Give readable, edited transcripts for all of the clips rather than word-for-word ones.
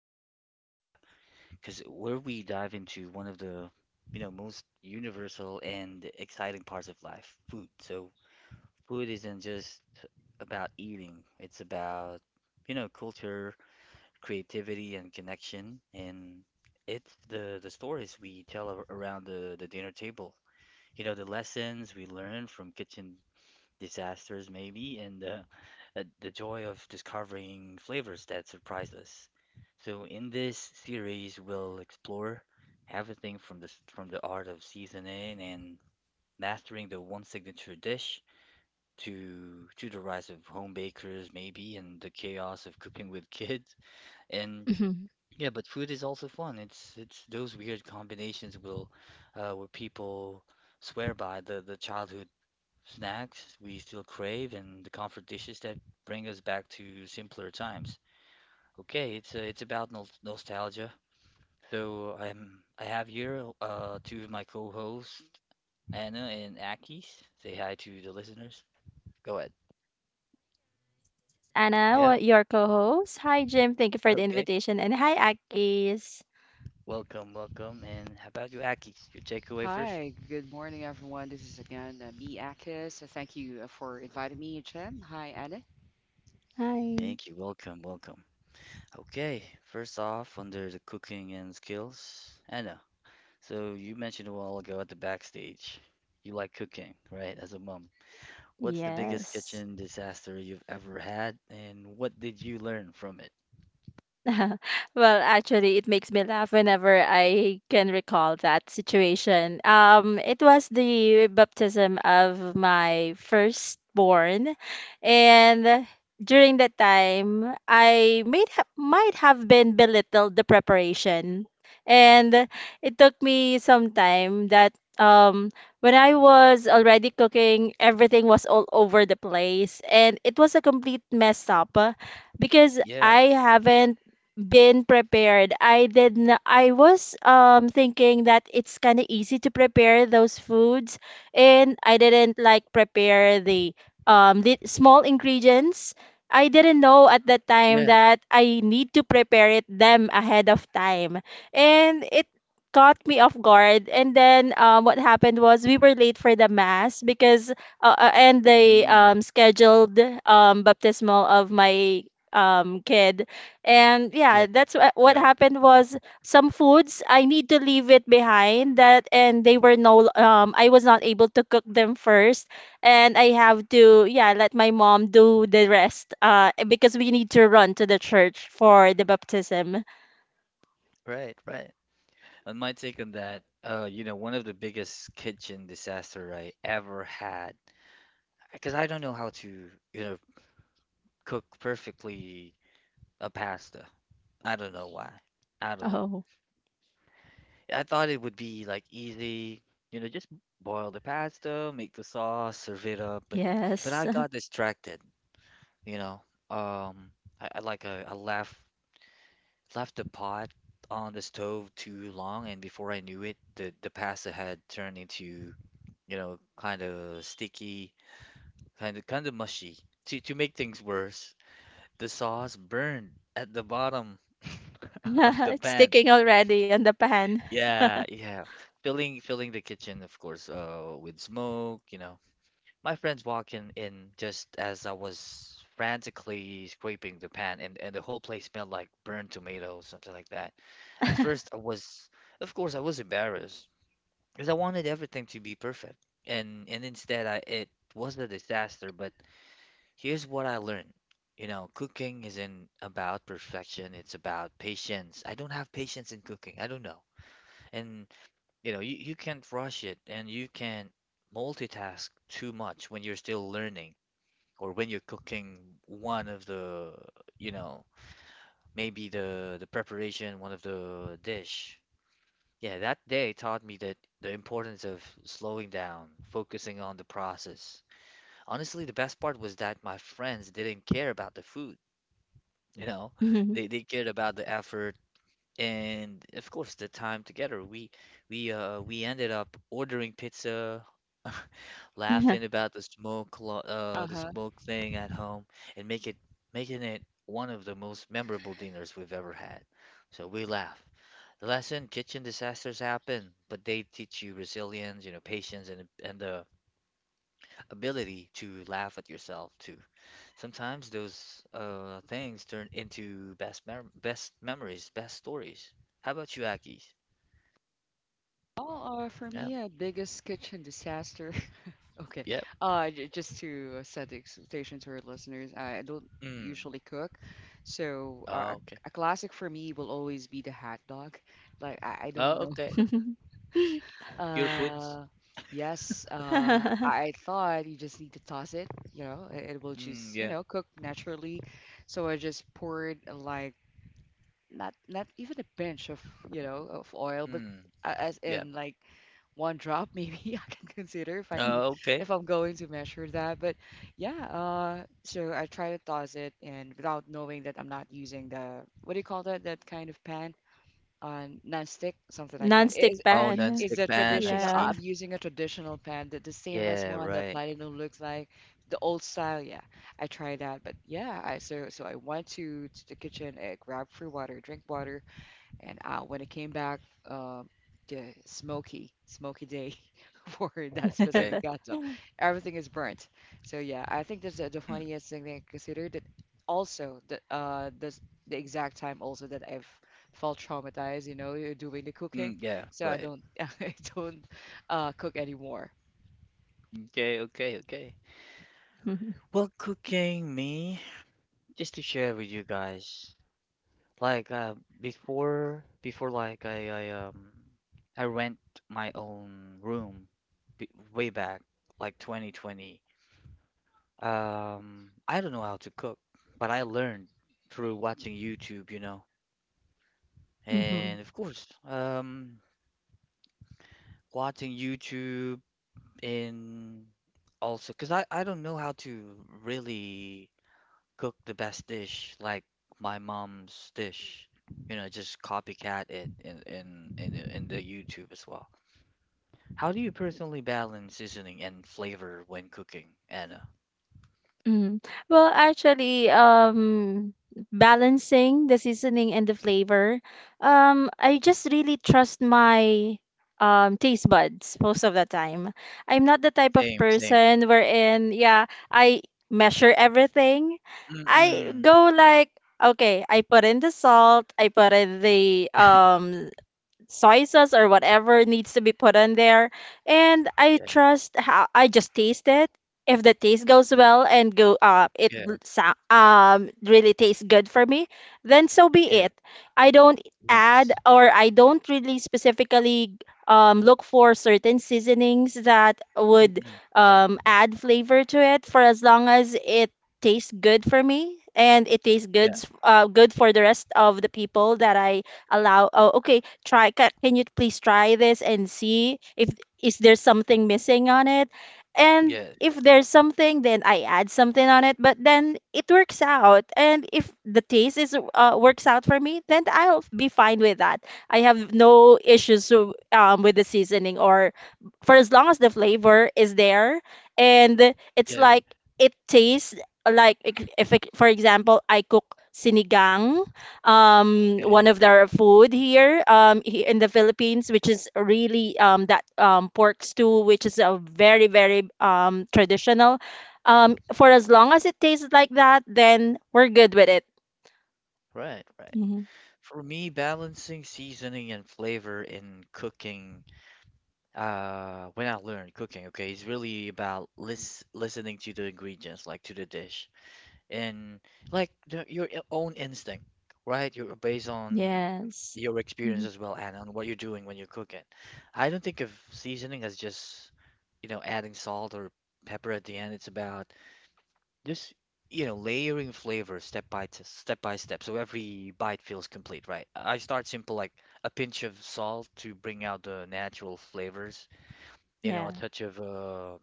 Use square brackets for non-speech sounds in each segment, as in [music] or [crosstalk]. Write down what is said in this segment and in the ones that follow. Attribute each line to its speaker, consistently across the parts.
Speaker 1: episode where we dive into one of the, you know, most universal and exciting parts of life, food. So food isn't just about eating. It's about, culture, creativity, and connection. And it's the stories we tell around the dinner table. You know, the lessons we learn from kitchen disasters maybe, and the joy of discovering flavors that surprise us. So in this series, we'll explore everything from the art of seasoning and mastering the one signature dish to the rise of home bakers maybe and the chaos of cooking with kids. And
Speaker 2: Mhm.
Speaker 1: yeah, but food is also fun. It's those weird combinations will where people swear by the childhood snacks we still crave, and the comfort dishes that bring us back to simpler times. Okay, it's about nostalgia. So I have here two of my co-hosts, Anna and Akis. Say hi to the listeners. Go ahead.
Speaker 2: Anna,
Speaker 1: Yep.
Speaker 2: what your co-host. Hi, Jim. Thank you for the
Speaker 1: Okay.
Speaker 2: invitation. And hi, Akis.
Speaker 1: Welcome, welcome. And how about you, Akis? Your takeaway first?
Speaker 3: Hi, good morning, everyone. This is again B. Akis. Thank you for inviting me, Jim. Hi, Anna.
Speaker 2: Hi.
Speaker 1: Thank you. Welcome, welcome. Okay, first off, under the cooking and skills, Anna, so you mentioned a while ago at the backstage, you like cooking, right? As a mom, what's the biggest
Speaker 2: Yes.
Speaker 1: kitchen disaster you've ever had, and what did you learn from it?
Speaker 2: [laughs] Well, actually, it makes me laugh whenever I can recall that situation. It was the baptism of my firstborn, and during that time, I might have been belittled the preparation, and it took me some time that um when I was already cooking, everything was all over the place, and it was a complete mess up because
Speaker 1: Yeah,
Speaker 2: I haven't been prepared. I did not, I was thinking that it's kind of easy to prepare those foods and I didn't like prepare the small ingredients. I didn't know at that time
Speaker 1: yeah,
Speaker 2: that I need to prepare it them ahead of time. And it caught me off guard, and then what happened was we were late for the mass because and the
Speaker 1: mm,
Speaker 2: scheduled baptismal of my kid. And yeah,
Speaker 1: yeah,
Speaker 2: that's what
Speaker 1: right,
Speaker 2: happened was some foods I need to leave it behind that, and they were no I was not able to cook them first, and I have to, yeah, let my mom do the rest because we need to run to the church for the baptism.
Speaker 1: right, right. And my take on that, one of the biggest kitchen disaster I ever had, because I don't know how to, cook perfectly a pasta. I don't know why. I don't know.
Speaker 2: Oh,
Speaker 1: I thought it would be like easy, just boil the pasta, make the sauce, serve it up, but
Speaker 2: yes.
Speaker 1: I
Speaker 2: [laughs]
Speaker 1: got distracted, you know. Um, I left the pot on the stove too long, and before I knew it, the pasta had turned into, kind of sticky, kind of mushy. To make things worse, the sauce burned at the bottom [laughs] of the
Speaker 2: It's
Speaker 1: pan.
Speaker 2: sticking already on the pan.
Speaker 1: Yeah, yeah. Filling the kitchen, of course, with smoke, My friends walking in just as I was frantically scraping the pan and the whole place smelled like burned tomatoes, something like that. At first
Speaker 2: [laughs]
Speaker 1: I was of course I was embarrassed because I wanted everything to be perfect. And instead I it was a disaster, but here's what I learned. You know, cooking isn't about perfection, it's about patience. I don't have patience in cooking. I don't know. And. You know, you can't rush it and you can't multitask too much when you're still learning or when you're cooking one of the, you know, maybe the preparation, one of the dish. Yeah, that day taught me that the importance of slowing down, focusing on the process. Honestly, the best part was that my friends didn't care about the food, you know. They cared about the effort and of course the time together we ended up ordering pizza [laughs]
Speaker 2: Mhm.
Speaker 1: laughing about the
Speaker 3: Uh-huh.
Speaker 1: smoke thing at home and make it making it one of the most memorable dinners we've ever had, so we laugh. The lesson: kitchen disasters happen, but they teach you resilience, you know, patience, and the ability to laugh at yourself too. Sometimes those things turn into best memories, best stories. How about you, Aki?
Speaker 3: Oh, for
Speaker 1: Yeah.
Speaker 3: me, biggest kitchen disaster. [laughs] Okay.
Speaker 1: Yep.
Speaker 3: Just to set the expectation to our listeners, I don't
Speaker 1: Mm.
Speaker 3: usually cook, so
Speaker 1: Oh,
Speaker 3: uh, a,
Speaker 1: okay.
Speaker 3: a classic for me will always be the hot dog. Like I don't
Speaker 1: Oh,
Speaker 3: know.
Speaker 1: okay.
Speaker 2: [laughs]
Speaker 1: Pure foods.
Speaker 3: Uh, yes, I thought you just need to toss it, you know, it will
Speaker 1: Mm,
Speaker 3: just, you
Speaker 1: yeah.
Speaker 3: know, cook naturally. So I just poured like not even a pinch of, you know, of oil, but
Speaker 1: Mm,
Speaker 3: as
Speaker 1: yeah.
Speaker 3: in like one drop, [laughs] maybe I can consider if I can,
Speaker 1: Oh, okay.
Speaker 3: if I'm going to measure that. But yeah, so I try to toss it and without knowing that I'm not using the, what do you call that, that kind of pan? Nonstick, something like that.
Speaker 2: Non-stick
Speaker 3: Is
Speaker 1: Oh,
Speaker 2: pan.
Speaker 3: is
Speaker 1: non-stick
Speaker 3: the
Speaker 1: pan. I
Speaker 3: traditional?
Speaker 2: Yeah.
Speaker 1: see.
Speaker 3: I'm using a traditional pan, the stainless
Speaker 1: Yeah,
Speaker 3: one that
Speaker 1: right.
Speaker 3: Platinum looks like, the old style. Yeah, I tried that, but yeah, I, so I went to the kitchen, grab free water, drink water, and when it came back, uh, the smoky, smoky day [laughs] for that
Speaker 1: Okay.
Speaker 3: specific
Speaker 2: [laughs]
Speaker 3: gato. Everything is burnt. So yeah, I think that's the
Speaker 1: Mm,
Speaker 3: funniest thing that I considered. That also the exact time also that I've felt traumatized, you know, doing the cooking.
Speaker 1: mm, yeah,
Speaker 3: So I
Speaker 1: right.
Speaker 3: don't, [laughs] I don't cook anymore.
Speaker 1: Okay, okay, okay. Well, cooking me, just to share with you guys. Like, before, like, I rent my own room b way back, like 2020. I don't know how to cook, but I learned through watching YouTube, you know.
Speaker 2: Mhm.
Speaker 1: And of course, watching YouTube in also, because I don't know how to really cook the best dish like my mom's dish. You know, just copycat it in in the YouTube as well. How do you personally balance seasoning and flavor when cooking, Anna?
Speaker 2: Mm. Well, actually, balancing the seasoning and the flavor, I just really trust my taste buds most of the time. I'm not the type of
Speaker 1: Same, same.
Speaker 2: person wherein, yeah, I measure everything. I
Speaker 1: Mm-mm.
Speaker 2: go like, okay, I put in the salt, I put in the soy sauce or whatever needs to be put on there. And I
Speaker 1: Okay.
Speaker 2: trust how I just taste it. If the taste goes well and go it
Speaker 1: Yeah,
Speaker 2: l- sa- really tastes good for me, then so be
Speaker 1: yeah,
Speaker 2: it. I don't add,
Speaker 1: yes.
Speaker 2: or I don't really specifically look for certain seasonings that would
Speaker 1: Mm-mm. Yeah,
Speaker 2: add flavor to it, for as long as it tastes good for me and it tastes
Speaker 1: yeah,
Speaker 2: good for the rest of the people that I allow. Oh, okay, try can you please try this and see if is there something missing on it, and
Speaker 1: yeah,
Speaker 2: if there's something, then I add something on it. But then it works out, and if the taste is works out for me, then I'll be fine with that. I have no issues with the seasoning, or for as long as the flavor is there and it's
Speaker 1: yeah.
Speaker 2: like it tastes like, if it- for example, I cook sinigang, one
Speaker 1: Okay.
Speaker 2: of their food here, in the Philippines, which is really that pork stew, which is a very very traditional, for as long as it tastes like that, then we're good with it.
Speaker 1: Right, right.
Speaker 2: Hmm.
Speaker 1: For me, balancing seasoning and flavor in cooking, when I learned cooking, okay, is really about listening to the ingredients, like to the dish, and like your own instinct, right? You're based on
Speaker 2: Yes.
Speaker 1: your
Speaker 2: Hmm.
Speaker 1: experience as well, and on what you're doing when you're cooking. I don't think of seasoning as just, adding salt or pepper at the end. It's about just, layering flavor step by step, so every bite feels complete, right? I start simple, like a pinch of salt to bring out the natural flavors. You know, a
Speaker 2: Yeah.
Speaker 1: touch of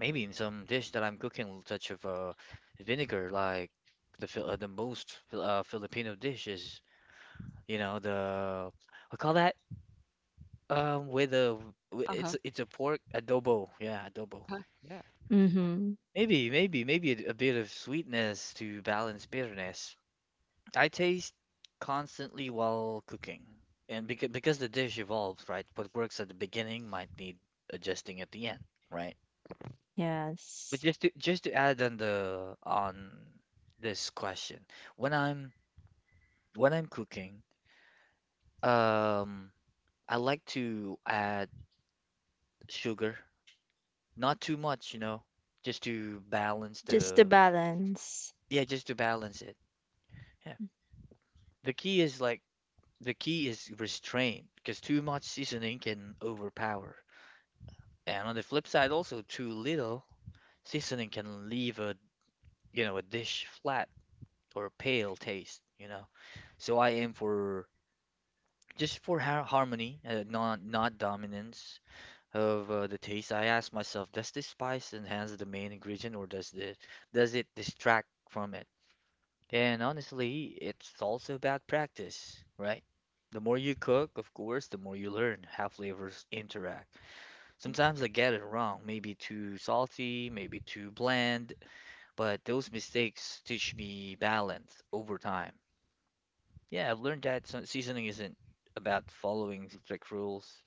Speaker 1: maybe in some dish that I'm cooking, a touch of vinegar, like the Filipino dishes. You know, the I call that um with a
Speaker 3: Uh huh.
Speaker 1: it's a pork adobo, yeah, adobo.
Speaker 3: Uh-huh. Uh-huh. Yeah.
Speaker 2: Mm-hmm.
Speaker 1: Maybe a bit of sweetness to balance bitterness. I taste constantly while cooking. And Because the dish evolves, right? What works at the beginning might need adjusting at the end, right? But
Speaker 2: Yes.
Speaker 1: just to add on the on this question, when I'm cooking, um, I like to add sugar, not too much, you know, just to balance
Speaker 2: Just to
Speaker 1: the,
Speaker 2: balance.
Speaker 1: yeah, just to balance it. Yeah. The key is like the key is restraint, because too much seasoning can overpower. And on the flip side, also too little seasoning can leave a, a dish flat or pale taste, you know. So I aim for just for harmony, not, not dominance of the taste. I ask myself, does this spice enhance the main ingredient, or does it distract from it? And honestly, it's also about practice, right? The more you cook, of course, the more you learn how flavors interact. Sometimes I get it wrong, maybe too salty, maybe too bland, but those mistakes teach me balance over time. Yeah, I've learned that seasoning isn't about following strict rules.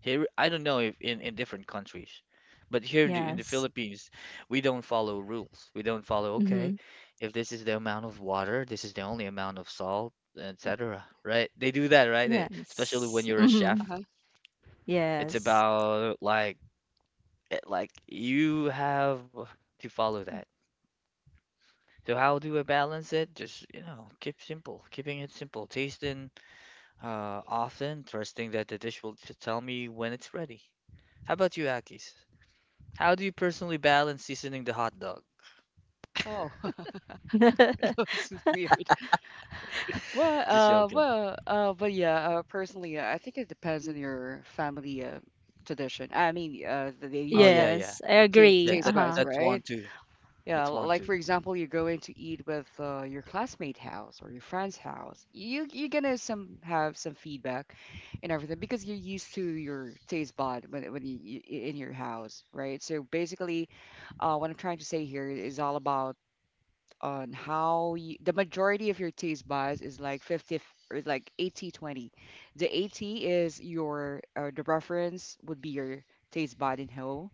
Speaker 1: Here, I don't know if in different countries, but here in in the
Speaker 2: Yes.
Speaker 1: Philippines, we don't follow rules. We don't follow, okay,
Speaker 2: Mm-hmm.
Speaker 1: if this is the amount of water, this is the only amount of salt, etc. Right? They do that, right? Eh, especially
Speaker 2: Yes.
Speaker 1: when you're a
Speaker 2: Mm-hmm.
Speaker 1: chef.
Speaker 3: Uh-huh.
Speaker 1: It's
Speaker 2: Yes.
Speaker 1: about like like you have to follow that. So how do I balance it? Just, you know, keep simple, keeping it simple, tasting often, trusting that the dish will tell me when it's ready. How about you, Akis? How do you personally balance seasoning the hot dog?
Speaker 3: Oh, [laughs] that
Speaker 2: [laughs]
Speaker 3: was weird. Well,
Speaker 1: [laughs] Just joking.
Speaker 3: Personally, I think it depends on your family tradition. I mean, the
Speaker 1: Oh yeah,
Speaker 3: usual
Speaker 1: yeah.
Speaker 2: Yes, I agree.
Speaker 3: taste buds,
Speaker 2: Uh-huh.
Speaker 1: That's one
Speaker 3: right?
Speaker 1: too.
Speaker 3: Yeah,
Speaker 1: That's one
Speaker 3: like
Speaker 1: too.
Speaker 3: for example, you're going to eat with your classmate house or your friend's house. You're gonna some have some feedback and everything because you're used to your taste bud when you in your house, right? So basically, what I'm trying to say here is all about on how you, the majority of your taste buds is like 50, or like 80, 20. The 80 is your the preference would be your taste bud in whole.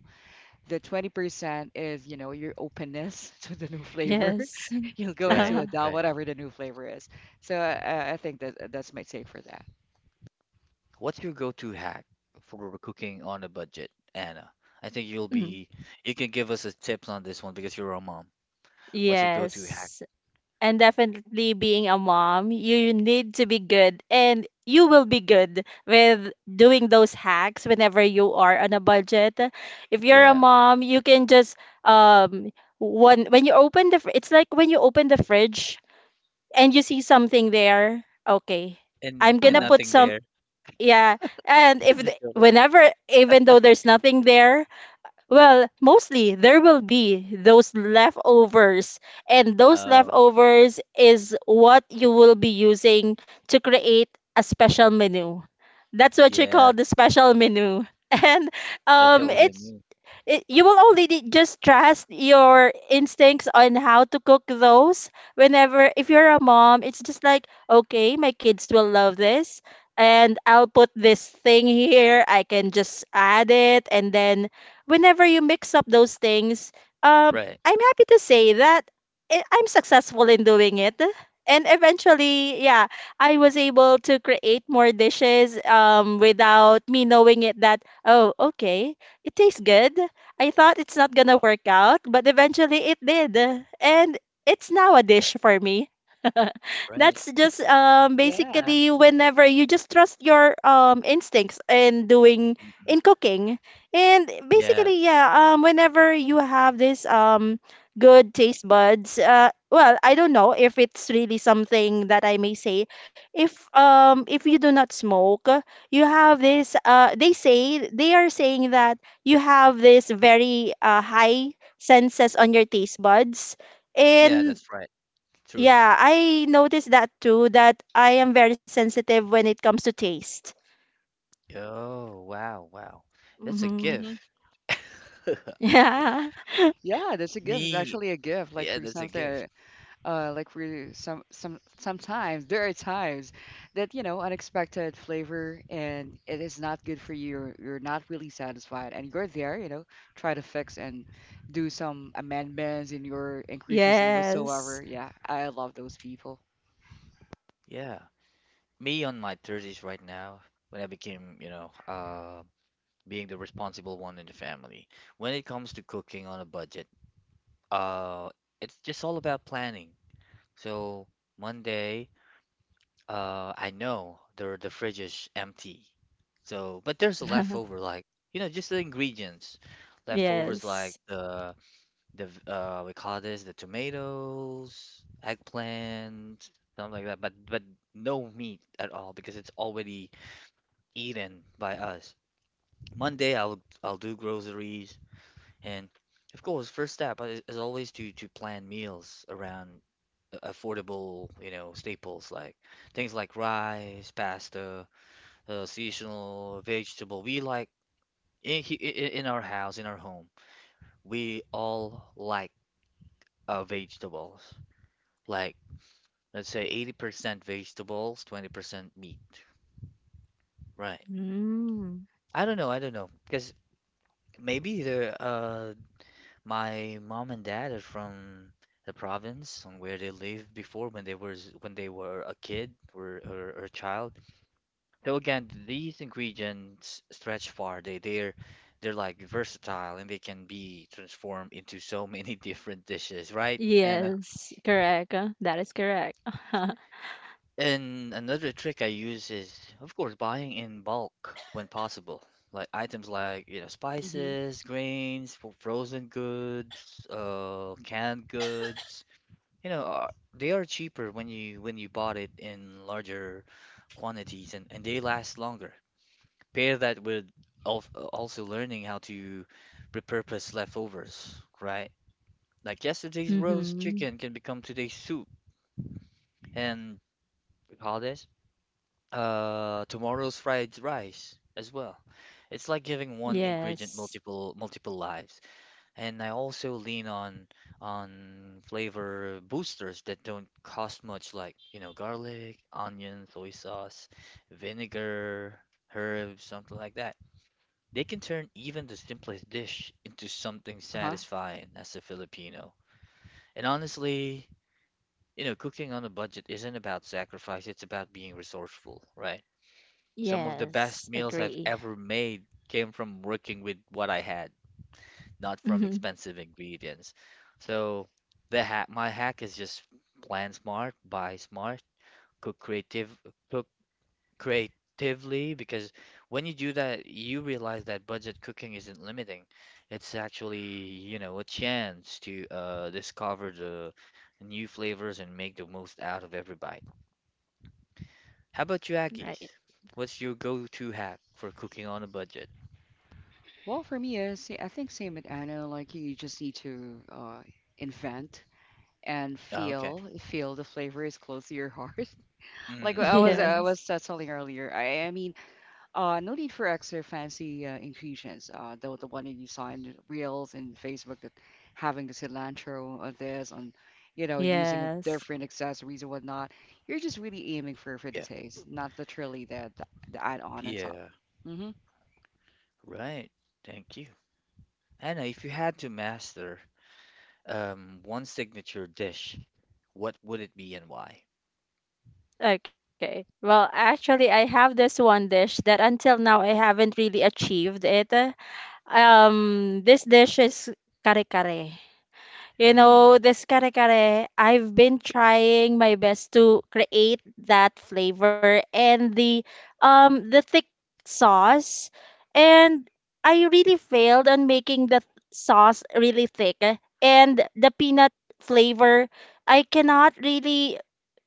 Speaker 3: The 20% is, you know, your openness [laughs] to the new flavor.
Speaker 2: Yes.
Speaker 3: [laughs] You'll
Speaker 2: [laughs]
Speaker 3: go into
Speaker 1: Right,
Speaker 2: Uh
Speaker 3: a doubt
Speaker 1: right.
Speaker 3: whatever the new flavor is. So I think that that's my take for that.
Speaker 1: What's your go-to hack for cooking on a budget, Anna? I think
Speaker 2: huh.
Speaker 1: you can give us a tips on this one because you're a mom. What's your go-to hack?
Speaker 2: Yes. And definitely, being a mom, you need to be good, and you will be good with doing those hacks whenever you are on a budget. If you're a
Speaker 1: Yeah.
Speaker 2: mom, you can just um one when you open the it's like when you open the fridge and you see something there, okay. I'm
Speaker 1: And
Speaker 2: gonna
Speaker 3: Uh-huh.
Speaker 2: put
Speaker 1: nothing
Speaker 2: some,
Speaker 1: there.
Speaker 2: yeah, and
Speaker 1: [laughs]
Speaker 2: if
Speaker 1: Just
Speaker 2: the,
Speaker 1: joking.
Speaker 2: whenever even though there's nothing there, well, mostly there will be those leftovers, and those
Speaker 1: Oh,
Speaker 2: leftovers is what you will be using to create a special menu. That's what you
Speaker 1: yeah,
Speaker 2: call the special menu. [laughs] And um,
Speaker 1: special
Speaker 2: it
Speaker 3: Yes.
Speaker 1: menu.
Speaker 2: it, you will only need- just trust your instincts on how to cook those. Whenever, if you're a mom, it's just like, okay, my kids will love this, and I'll put this thing here, I can just add it, and then whenever you mix up those things, um
Speaker 1: Right,
Speaker 2: I'm happy to say that I'm successful in doing it. And eventually, yeah, I was able to create more dishes, without me knowing it, that, oh, okay, it tastes good. I thought it's not gonna work out, but eventually it did. And it's now a dish for me. [laughs]
Speaker 1: right.
Speaker 2: That's just
Speaker 3: Yeah.
Speaker 2: basically whenever you just trust your instincts in doing
Speaker 1: Mm-mm.
Speaker 2: in cooking. And basically,
Speaker 1: Yes.
Speaker 2: yeah, whenever you have this good taste buds, well, I don't know if it's really something that I may say. If you do not smoke, you have this they say they are saying that you have this very high senses on your taste buds.
Speaker 1: Yeah,
Speaker 2: And
Speaker 1: that's right. True.
Speaker 2: yeah, I noticed that too, that I am very sensitive when it comes to taste.
Speaker 1: Oh, wow, wow. That's a
Speaker 2: Hmm.
Speaker 3: Hmm.
Speaker 1: gift. [laughs]
Speaker 2: [laughs] Yeah.
Speaker 3: Yeah, that's a gift. It's
Speaker 1: Me,
Speaker 3: actually a gift. Like
Speaker 1: yeah,
Speaker 3: for
Speaker 1: that's a gift.
Speaker 3: example, like we some sometimes there are times that, you know, unexpected flavor, and it is not good for you. You're not really satisfied, and you're there, you know, try to fix and do some amendments in your ingredients and
Speaker 2: Yes.
Speaker 3: whatsoever. Yeah, I love those people.
Speaker 1: Yeah. Me on my 30s right now, when I became, you know, being the responsible one in the family. When it comes to cooking on a budget, uh, it's just all about planning. So Monday, uh, I know the fridge is empty. So, but there's a
Speaker 2: [laughs]
Speaker 1: leftover, like, you know, just the ingredients, leftovers like
Speaker 2: Yes.
Speaker 1: the we call this the tomatoes, eggplant, something like that. But no meat at all because it's already eaten by us. Monday I'll do groceries, and of course first step is always to plan meals around affordable, you know, staples like things like rice, pasta, seasonal vegetable. We like in, he- I- in our house, in our home, we all like vegetables. Like let's say 80% vegetables, 20% meat. Right.
Speaker 2: Mm.
Speaker 1: I don't know, I don't know. Because maybe the my mom and dad are from the province on where they lived before when they were a kid, or a child. So again, these ingredients stretch far. They're like versatile and they can be transformed into so many [laughs] different dishes, right?
Speaker 2: Yes, correct. That is correct. [laughs]
Speaker 1: And another trick I use is, of course, buying in bulk when possible. Like items like, you know,
Speaker 3: Hmm.
Speaker 1: spices, grains, frozen goods, canned goods. You know, they are cheaper when you bought it in larger quantities, and they last longer. Pair that with al also learning how to repurpose leftovers, right? Like yesterday's roast
Speaker 2: Mm-hmm.
Speaker 1: chicken can become today's soup, and we call this tomorrow's fried rice as well. It's like giving one ingredient
Speaker 2: Yes.
Speaker 1: multiple lives. And I also lean on flavor boosters that don't cost much, like, garlic, onion, soy sauce, vinegar, herbs, something like that. They can turn even the simplest dish into something
Speaker 3: Uh-huh.
Speaker 1: satisfying as a Filipino. And honestly, cooking on a budget isn't about sacrifice, it's about being resourceful, right? Some of the
Speaker 2: Yes,
Speaker 1: best meals I've
Speaker 2: agree.
Speaker 1: ever made came from working with what I had, not
Speaker 2: [laughs]
Speaker 1: from
Speaker 2: Mm-hmm.
Speaker 1: expensive ingredients. So my hack is just plan smart, buy smart, cook creative, cook creatively because when you do that, you realize that budget cooking isn't limiting. It's actually, a chance to discover the new flavors and make the most out of every bite. How about you,
Speaker 2: Right.
Speaker 1: Aggies? What's your go-to hack for cooking on a budget?
Speaker 3: Well, for me, I think same with Anna. Like you just need to invent and
Speaker 1: Ah, okay.
Speaker 3: feel the flavor is close to your heart. [laughs] Like
Speaker 1: Mm,
Speaker 3: I was
Speaker 1: yeah,
Speaker 3: I
Speaker 2: Yes.
Speaker 3: was uh, telling earlier. No need for extra fancy infusions. The one that you saw in the reels in Facebook that having the cilantro on this, on, you know, using
Speaker 2: Yes.
Speaker 3: different accessories and whatnot. You're just really aiming for the
Speaker 1: yeah,
Speaker 3: taste, not literally the add on top.
Speaker 1: yeah.
Speaker 3: Mm-hmm.
Speaker 1: Right. Thank you. Anna, if you had to master one signature dish, what would it be and why?
Speaker 2: Okay. Well, actually, I have this one dish that until now I haven't really achieved it. This dish is kare kare. You
Speaker 1: Mm,
Speaker 2: know, this kare kare, I've been trying my best to create that flavor and the thick sauce, and I really failed on making the sauce really thick and the peanut flavor. I cannot really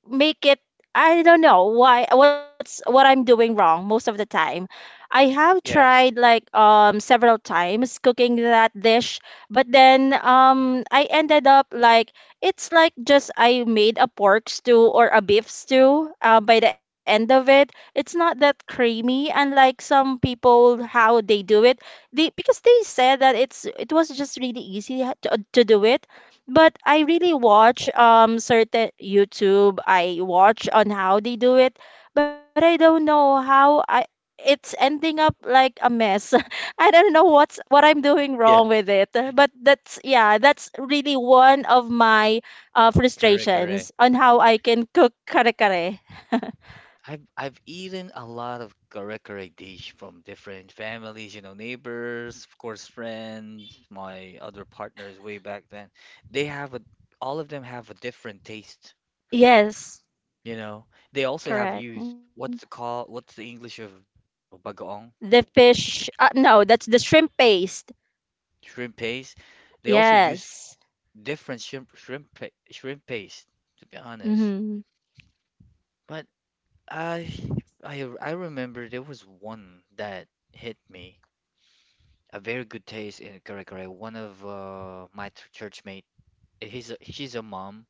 Speaker 2: make it. I don't know why, what's what I'm doing wrong most of the time. I have tried
Speaker 1: yeah,
Speaker 2: like several times cooking that dish, but then I ended up like it's like just I made a pork stew or a beef stew by the end of it. It's not that creamy, unlike some people how they do it. They, because they said that it's it was just really easy to do it, but I really watch certain YouTube. I watch on how they do it, but I don't know how I it's ending up like a mess. [laughs] I don't know what's what I'm doing
Speaker 1: yeah.
Speaker 2: wrong with it. But that's, yeah, that's really one of my
Speaker 1: Correct,
Speaker 2: frustrations
Speaker 1: correct.
Speaker 2: on how I can cook kare kare.
Speaker 1: I've eaten a lot of kare kare dish from different families, you know, neighbors, of course, friends, my other partners way back then. They have a All of them have a different taste,
Speaker 2: Yes,
Speaker 1: you know. They also have used
Speaker 2: correct.
Speaker 1: what's the English of bagoong?
Speaker 2: The fish, no, that's the shrimp paste.
Speaker 1: Shrimp paste. They also use
Speaker 2: Yes.
Speaker 1: different shrimp paste, to be honest.
Speaker 2: Mm-hmm.
Speaker 1: But I I remember there was one that hit me, a very good taste in curry. One of my churchmate, she's a mom.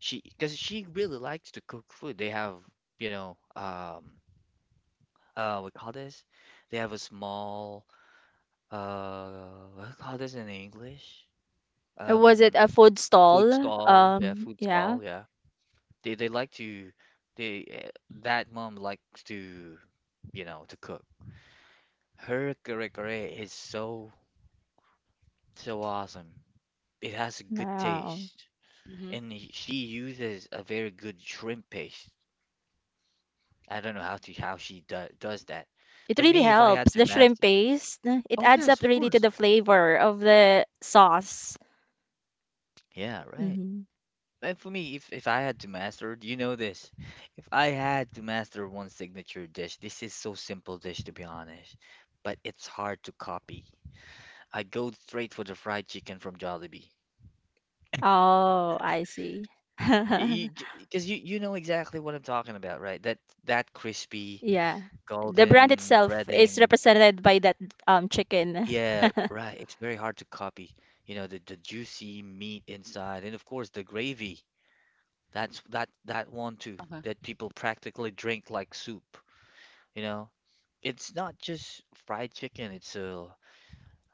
Speaker 1: She Because she really likes to cook food. They have you know um we call this. They have a small uh what do you call this in English
Speaker 2: Was it a
Speaker 1: um
Speaker 2: food
Speaker 1: food
Speaker 2: stall?
Speaker 1: stall. Yeah, food
Speaker 2: Yeah.
Speaker 1: stall. Yeah, they like to, they that mom likes to you know to cook. Her curry is so awesome. It has a good
Speaker 2: Wow.
Speaker 1: taste.
Speaker 3: Mm-hmm.
Speaker 1: And she uses a very good shrimp paste. I don't know how she does that.
Speaker 2: It really
Speaker 1: But me, if
Speaker 2: helps.
Speaker 1: I
Speaker 2: The
Speaker 1: had to
Speaker 2: shrimp
Speaker 1: master,
Speaker 2: paste, it
Speaker 1: oh
Speaker 2: adds up
Speaker 1: yes, of
Speaker 2: really to the
Speaker 1: course.
Speaker 2: flavor of the sauce.
Speaker 1: Yeah, right.
Speaker 2: Hmm.
Speaker 1: And for me, if I had to master, you know this. If I had to master one signature dish, this is so simple dish to be honest, but it's hard to copy. I'd go straight for the fried chicken from Jollibee.
Speaker 2: Oh, I see. [laughs]
Speaker 1: Because you know exactly what I'm talking about, right? That
Speaker 2: Yeah.
Speaker 1: crispy
Speaker 2: The brand itself
Speaker 1: golden
Speaker 2: is
Speaker 1: breading.
Speaker 2: represented by that chicken.
Speaker 1: Yeah,
Speaker 2: [laughs]
Speaker 1: right. It's very hard to copy. You know, the juicy meat inside, and of course the gravy. That's that one too
Speaker 3: Uh-huh.
Speaker 1: that people practically drink like soup. You know, it's not just fried chicken. It's a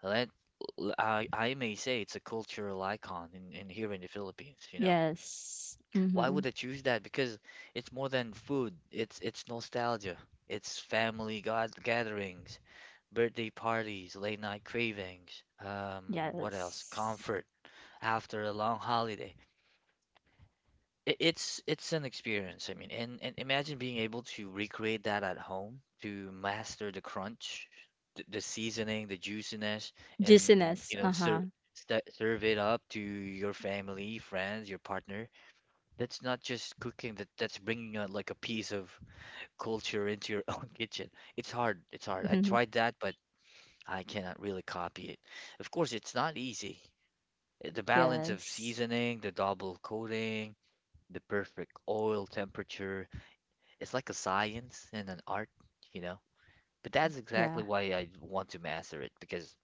Speaker 1: let l- I may say it's a cultural icon in here in the Philippines. You know,
Speaker 2: Yes.
Speaker 1: why
Speaker 2: Mm-hmm.
Speaker 1: would I choose that? Because it's more than food. It's nostalgia. It's family god gatherings, birthday parties, late night cravings. What else?
Speaker 2: Yes.
Speaker 1: Comfort after a long holiday. It's an experience. I mean, and imagine being able to recreate that at home, to master the crunch, the seasoning, the juiciness, and
Speaker 2: Juiciness. Uh-huh.
Speaker 1: serve it up to your family, friends, your partner. That's not just cooking. That's bringing out like a piece of culture into your [laughs] own kitchen. It's hard. It's hard.
Speaker 2: Mm-hmm.
Speaker 1: I tried that, but I cannot really copy it. Of course, it's not easy the balance of
Speaker 2: Yes.
Speaker 1: seasoning, the double coating, the perfect oil temperature. It's like a science and an art, you know? But that's
Speaker 2: Yeah.
Speaker 1: exactly why I want to master it because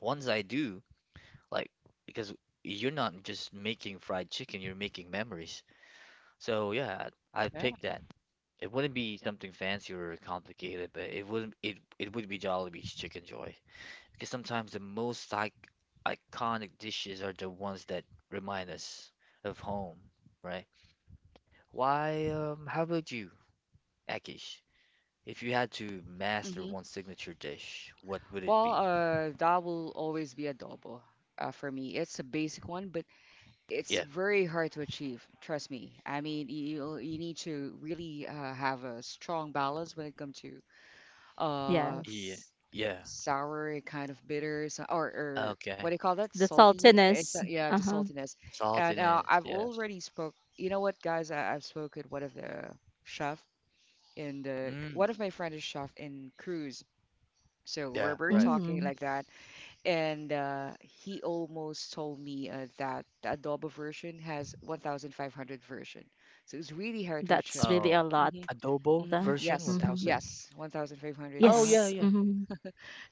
Speaker 1: once I do, like, because you're not just making fried chicken, you're making memories. So yeah, I
Speaker 3: Yeah.
Speaker 1: picked that. It wouldn't be something fancy or complicated, but it wouldn't it it would be Jollibee's Chicken Joy because sometimes the most I iconic dishes are the ones that remind us of home, right? Why, how about you, Akish? If you had to master
Speaker 3: Mm-hmm.
Speaker 1: one signature dish, what would it
Speaker 3: Well,
Speaker 1: be?
Speaker 3: that will always be adobo. For me, it's a basic one, but it's
Speaker 1: Yeah,
Speaker 3: very hard to achieve. Trust me. I mean, you need to really have a strong balance when it comes to uh
Speaker 2: Yes.
Speaker 1: yeah, yeah.
Speaker 3: sour kind of bitters, or what
Speaker 1: Okay.
Speaker 3: do you call that,
Speaker 2: The
Speaker 3: salty, it's
Speaker 2: saltiness.
Speaker 3: yeah, the
Speaker 2: Uh-huh.
Speaker 3: saltiness. And
Speaker 1: Saltiness,
Speaker 3: I've
Speaker 1: yes.
Speaker 3: already spoke, you know what guys, I've spoken one of the chef, in the
Speaker 1: Mm,
Speaker 3: one of my friend is chef in cruise, so
Speaker 1: yeah,
Speaker 3: we're
Speaker 1: right.
Speaker 2: Mm.
Speaker 3: talking like that. And he almost told me that the adobo version has 1500 version, so it's really hard to
Speaker 2: That's
Speaker 3: achieve.
Speaker 2: really
Speaker 1: Oh,
Speaker 2: a lot.
Speaker 3: Hmm.
Speaker 1: adobo
Speaker 3: Hmm.
Speaker 2: Mm-hmm.
Speaker 1: version
Speaker 3: Yes,
Speaker 1: 1000?
Speaker 3: yes, 1500.
Speaker 2: Yes.
Speaker 1: Oh,
Speaker 3: Uh-huh.
Speaker 1: yeah, yeah.
Speaker 2: Mhm.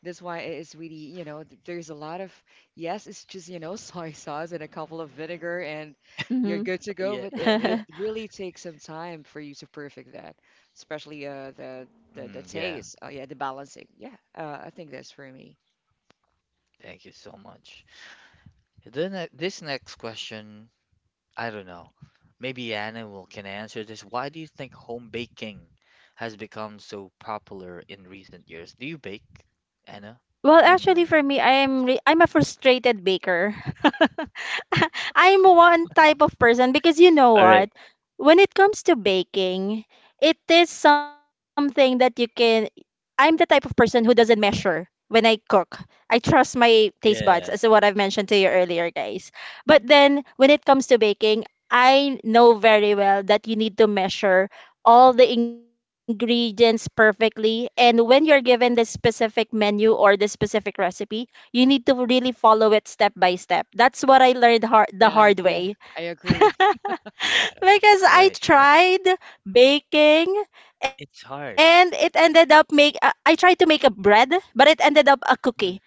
Speaker 3: That's why it is really, you know, there's a lot of, yes, it's just, you know, [laughs] soy sauce and a couple of vinegar and you're
Speaker 2: Mhm.
Speaker 3: good to go,
Speaker 1: Yeah,
Speaker 3: but
Speaker 1: yeah,
Speaker 3: it
Speaker 1: yeah.
Speaker 3: would
Speaker 2: [laughs]
Speaker 3: really take some time for you to perfect that, especially the, the
Speaker 1: Mm, yeah.
Speaker 3: taste. Oh yeah, the balancing. Yeah, I think that's for me.
Speaker 1: Thank you so much. Then this next question, I don't know. Maybe Anna will can answer this. Why do you think home baking has become so popular in recent years? Do you bake, Anna?
Speaker 2: Well, actually, for me,
Speaker 1: And.
Speaker 2: I am I'm a frustrated baker. [laughs] I'm one type of person because you know
Speaker 1: All
Speaker 2: what?
Speaker 1: right.
Speaker 2: When it comes to baking, it is something that you can. I'm the type of person who doesn't measure when I cook. I trust my taste buds, as
Speaker 1: Yeah.
Speaker 2: what I've mentioned to you earlier, guys. But then, when it comes to baking, I know very well that you need to measure all the ingredients perfectly. And when you're given the specific menu or the specific recipe, you need to really follow it step by step. That's what I learned hard, the
Speaker 3: Yeah,
Speaker 2: hard
Speaker 3: yeah,
Speaker 2: way.
Speaker 3: I
Speaker 2: [laughs]
Speaker 3: agree.
Speaker 2: Because
Speaker 3: [laughs]
Speaker 1: Yeah.
Speaker 2: I
Speaker 1: Right. Right.
Speaker 2: tried baking, and
Speaker 1: It's
Speaker 2: it
Speaker 1: hard.
Speaker 2: ended up make I tried to make a bread, but it ended up a cookie,
Speaker 1: Mm.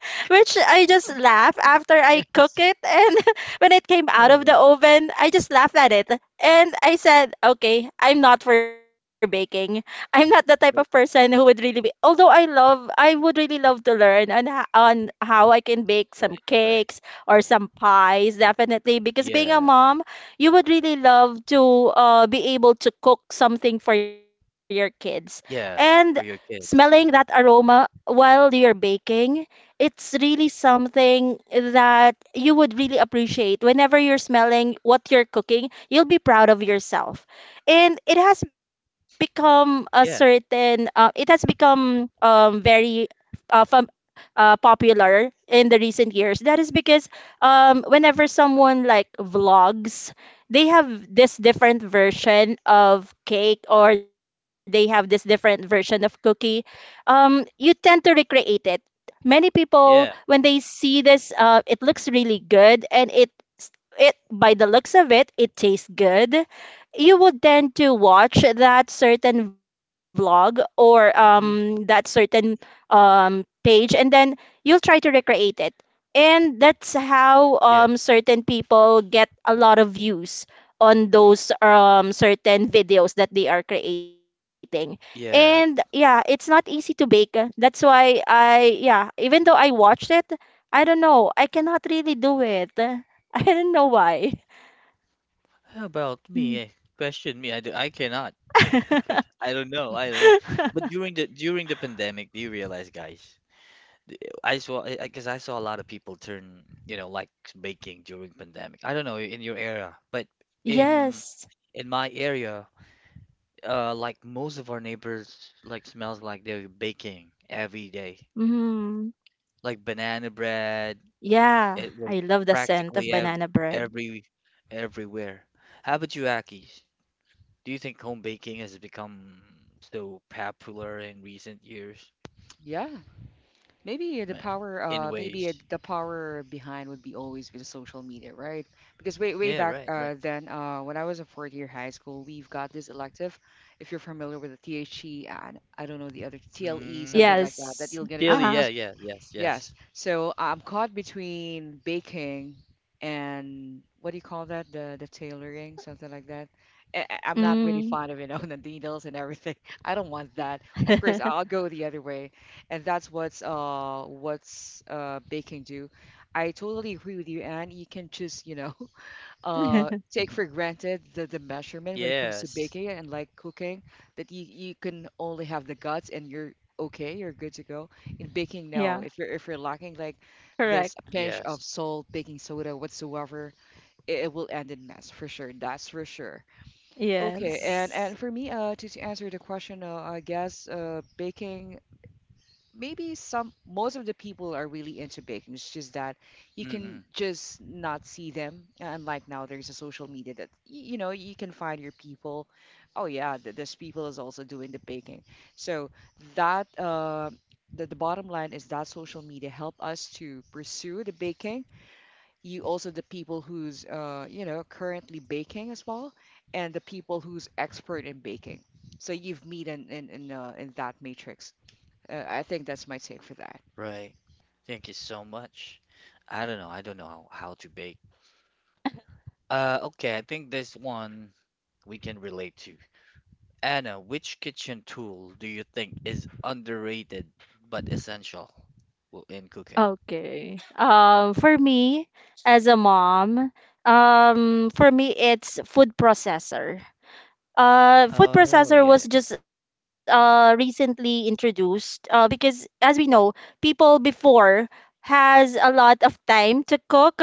Speaker 2: which I just laugh after I cook it.
Speaker 3: Yes.
Speaker 2: And [laughs] when it came out of
Speaker 1: Oh
Speaker 2: the
Speaker 1: yeah.
Speaker 2: oven, I just laughed at it. And I said, okay, I'm not for baking. I'm not the type of person
Speaker 1: ma-
Speaker 2: who would really be, although I love, I would really love to learn on, on how I can bake some
Speaker 1: Right. Right.
Speaker 2: cakes or some pies, definitely. Because being a
Speaker 1: Yeah.
Speaker 2: mom, you would really love to be able to cook something for your kids. And
Speaker 1: Yeah. For your
Speaker 2: smelling that
Speaker 1: kids.
Speaker 2: aroma while you're baking, it's really something that you would really appreciate. Whenever you're smelling what you're cooking, you'll be proud of yourself. And it has become a
Speaker 1: Yeah.
Speaker 2: certain, it has become very uh, fam- popular in the recent years. That is because whenever someone like vlogs, they have this different version of cake, or they have this different version of cookie. You tend to recreate it. Many people,
Speaker 1: Yeah.
Speaker 2: when they see this, it looks really good, and it by the looks of it, it tastes good. You would tend to watch that certain vlog, or that
Speaker 3: Mhm.
Speaker 2: certain page, and then you'll try to recreate it. And that's how
Speaker 1: Yeah.
Speaker 2: certain people get a lot of views on those certain videos that they are creating. And yeah,
Speaker 1: Yeah.
Speaker 2: it's not easy to bake. That's why I, yeah, even though I watched it, I don't know, I cannot really do it. [laughs] I don't know why.
Speaker 1: How about
Speaker 2: Mm.
Speaker 1: me? Question me. I do, I cannot. [laughs] I don't know. I don't
Speaker 2: [laughs]
Speaker 1: know. But during the pandemic, do you realize, guys? I saw because I 'cause I saw a lot of people turn, like baking during pandemic. I don't know in your era, but in
Speaker 2: Yes.
Speaker 1: in my area, like most of our neighbors, like smells like they're baking every day.
Speaker 2: Mm,
Speaker 1: Like banana bread,
Speaker 2: yeah,
Speaker 1: it was
Speaker 2: I love the scent of
Speaker 1: practically ev
Speaker 2: banana bread.
Speaker 1: every everywhere. How about you, Aki? Do you think home baking has become so popular in recent years?
Speaker 3: Yeah, maybe the
Speaker 1: Ma-
Speaker 3: power,
Speaker 1: In
Speaker 3: maybe
Speaker 1: ways.
Speaker 3: the power behind would be always with social media, right? Because way
Speaker 1: Yeah,
Speaker 3: back
Speaker 1: right, right.
Speaker 3: then, when I was in fourth year high school, we've got this elective. If you're familiar with the THE, and I don't know the other TLE, something
Speaker 1: Mm.
Speaker 3: like
Speaker 2: Yes.
Speaker 3: that, that you'll get to
Speaker 2: Uh-huh.
Speaker 1: Chili, yeah,
Speaker 3: choose.
Speaker 1: yeah, yes,
Speaker 3: Yes.
Speaker 1: yes.
Speaker 3: So I'm caught between baking and, what do you call that, the tailoring, something like that. I'm not really
Speaker 2: Mm.
Speaker 3: fond of it on, [laughs] the needles and everything. [laughs] I don't want that.
Speaker 2: [laughs]
Speaker 3: Of course, I'll go the other way, and that's what's baking do. I totally agree with you, and you can just, you know, [laughs] take for
Speaker 1: [laughs]
Speaker 3: granted the measurement when it comes to
Speaker 1: Yes,
Speaker 3: baking. And like cooking, that you can only have the guts and you're okay, you're good to go. In baking,
Speaker 2: Yeah,
Speaker 3: no, if you're, if you're lacking like this
Speaker 2: correct.
Speaker 3: pinch of
Speaker 1: yes.
Speaker 3: salt, baking soda, whatsoever, it will end in mess for sure, that's for sure. Okay,
Speaker 1: Mm-mm,
Speaker 2: Yes.
Speaker 3: and for me, to answer the question, I guess baking, maybe some most of the people are really into baking. It's just that you can
Speaker 1: mm-mm.
Speaker 3: just not see them. Unlike now, there's a social media that you know you can find your people. Oh yeah, this people is also doing the baking. So that the bottom line is that social media help us to pursue the baking. You also the people who's, you know, currently baking as well, and the people who's expert in baking. So you've meet in in that matrix. I think that's my take for that.
Speaker 1: Right. Thank you so much. I don't know. I don't know how to bake. Okay, I think this one we can relate to. Anna, which kitchen tool do you think is underrated but essential in cooking?
Speaker 2: Okay. For me, as a mom, for me it's food processor. Food
Speaker 1: Oh,
Speaker 2: processor
Speaker 1: yeah,
Speaker 2: was
Speaker 1: yeah.
Speaker 2: just recently introduced because as we know, people before has a lot of time to cook.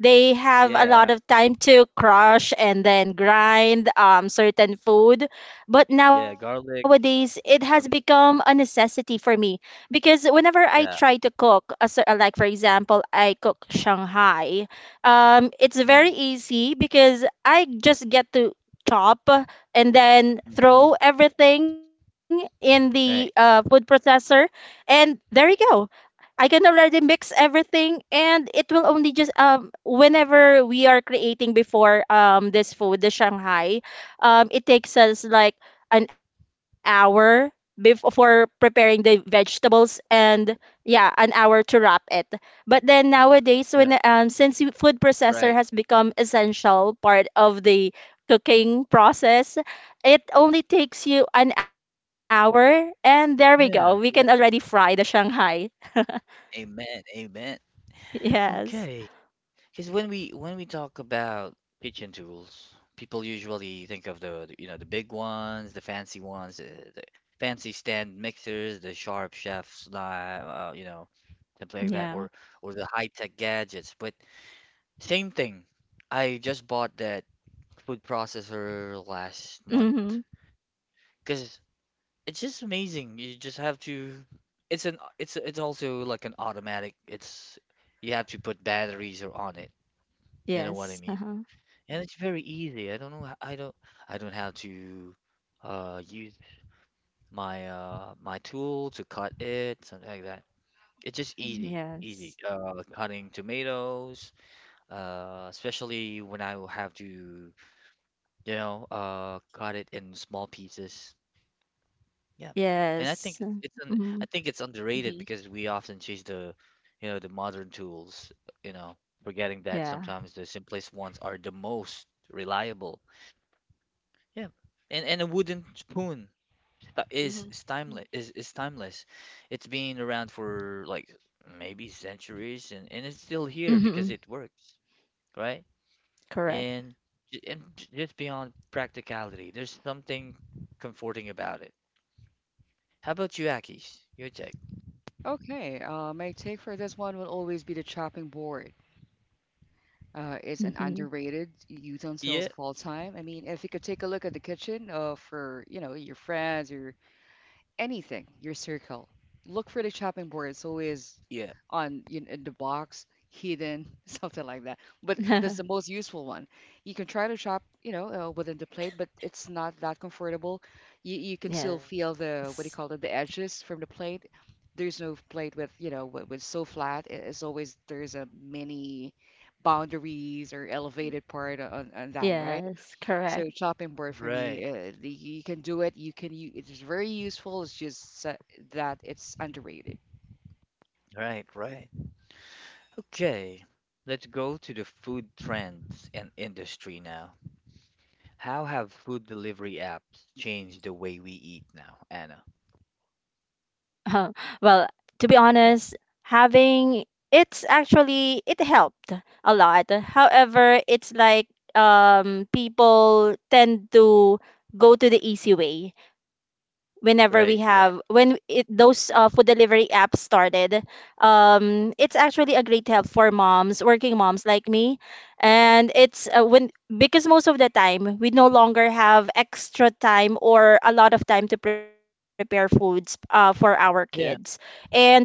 Speaker 2: They have a
Speaker 1: Yeah,
Speaker 2: lot of time to crush and then grind certain food. But
Speaker 1: yeah,
Speaker 2: nowadays
Speaker 1: garlic,
Speaker 2: it has become a
Speaker 1: something.
Speaker 2: necessity for me, because whenever I try
Speaker 1: Yeah.
Speaker 2: to cook a like for example I cook Shanghai, it's
Speaker 1: Mm,
Speaker 2: very easy because I just get to chop and then
Speaker 1: mm, mm.
Speaker 2: throw everything in the food
Speaker 1: Right.
Speaker 2: processor, and there you go. I can already mix everything, and it will only just whenever we are creating before, this food, the Shanghai, it takes us like an hour before preparing the vegetables, and yeah, an hour to wrap it. But then nowadays,
Speaker 1: Yeah,
Speaker 2: when since food processor
Speaker 1: right.
Speaker 2: has become essential part of the cooking process, it only takes you an hour, and there we
Speaker 1: Yeah.
Speaker 2: go, we
Speaker 1: Yeah.
Speaker 2: can already fry the Shanghai. [laughs]
Speaker 1: Amen. Amen. Okay.
Speaker 2: Yes.
Speaker 1: Because when we talk about kitchen tools, people usually think of the, you know the big ones, the fancy stand mixers, the sharp chef's knife, something like that, or the
Speaker 2: Yeah.
Speaker 1: high-tech gadgets. But same thing. I just bought that food processor last month
Speaker 2: Mhm.
Speaker 1: because it's just amazing. You just have to. It's also like an automatic. It's You have to put batteries or on it. You know what I mean?
Speaker 2: Yes.
Speaker 1: And
Speaker 2: Uh-huh.
Speaker 1: it's very easy. I don't know. I don't. I don't have to use my tool to cut it, something like that. It's just easy, easy.
Speaker 2: Yes.
Speaker 1: Cutting tomatoes. Especially when I will have to, cut it in small pieces. Yeah. And
Speaker 2: Yes.
Speaker 1: I
Speaker 2: Mhm.
Speaker 1: think it's underrated
Speaker 3: Hmm.
Speaker 1: because we often chase the modern tools. You know, forgetting that sometimes the
Speaker 2: Yeah.
Speaker 1: simplest ones are the most reliable. Yeah. And a wooden spoon is
Speaker 3: Hmm.
Speaker 1: is timeless is, is timeless. It's been around for like maybe centuries and it's still here because it works,
Speaker 2: Mhm.
Speaker 1: right? And
Speaker 2: Correct.
Speaker 1: and just beyond practicality, there's something comforting about it. How about you, Akis? Your take?
Speaker 3: Okay, my take for this one will always be the chopping board. It's an underrated
Speaker 2: Mhm.
Speaker 3: utensils
Speaker 1: Yeah,
Speaker 3: of all time. I mean, if you could take a look at the kitchen, for, you know, your friends, your anything, your circle. Look for the chopping board. It's always
Speaker 1: yeah.
Speaker 3: on, you know, in the box, hidden, [laughs] something like that. But that's the most useful one.
Speaker 2: [laughs]
Speaker 3: You can try to chop, you know, within the plate, but it's not that comfortable. You can still feel the, what do you
Speaker 2: Yes.
Speaker 3: call it, the edges from the plate. There's no plate with, you know, with so flat. It's always, there's a many boundaries or elevated part on that, right? So
Speaker 2: Yes.
Speaker 3: chopping board
Speaker 2: Correct.
Speaker 3: for me,
Speaker 1: Right,
Speaker 3: you can do it. You can. It's very useful. It's just that it's underrated.
Speaker 1: right, right. Okay. Let's go to the food trends and industry now. How have food delivery apps changed the way we eat now, Anna?
Speaker 2: Uh, well, to be
Speaker 1: Yeah.
Speaker 2: honest, having it's actually it helped a lot. However, it's like, people tend to go to the easy way whenever we have
Speaker 1: Right,
Speaker 2: when
Speaker 1: right.
Speaker 2: it those food delivery apps started. It's actually a great help for moms, working moms like me, and it's when, because most of the time we no longer have extra time or a lot of time to prepare foods for our kids.
Speaker 1: Yeah,
Speaker 2: And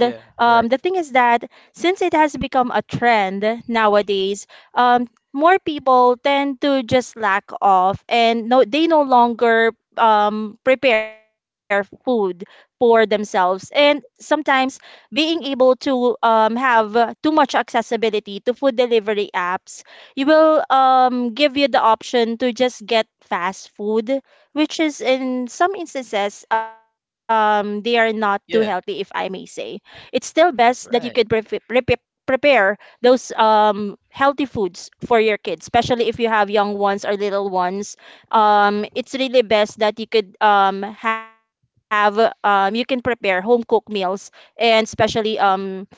Speaker 1: yeah,
Speaker 2: the thing
Speaker 1: right.
Speaker 2: is that since it has become a trend nowadays, um, more people tend to just lack off and no, they no longer prepare food for themselves. And sometimes being able to have too much accessibility to food delivery apps, you will give you the option to just get fast food, which is in some instances they are not too healthy, if I
Speaker 1: Yeah,
Speaker 2: may say. It's still best that you could
Speaker 1: right.
Speaker 2: prepare those healthy foods for your kids, especially if you have young ones or little ones. It's really best that you could have, you can prepare home cooked meals, and especially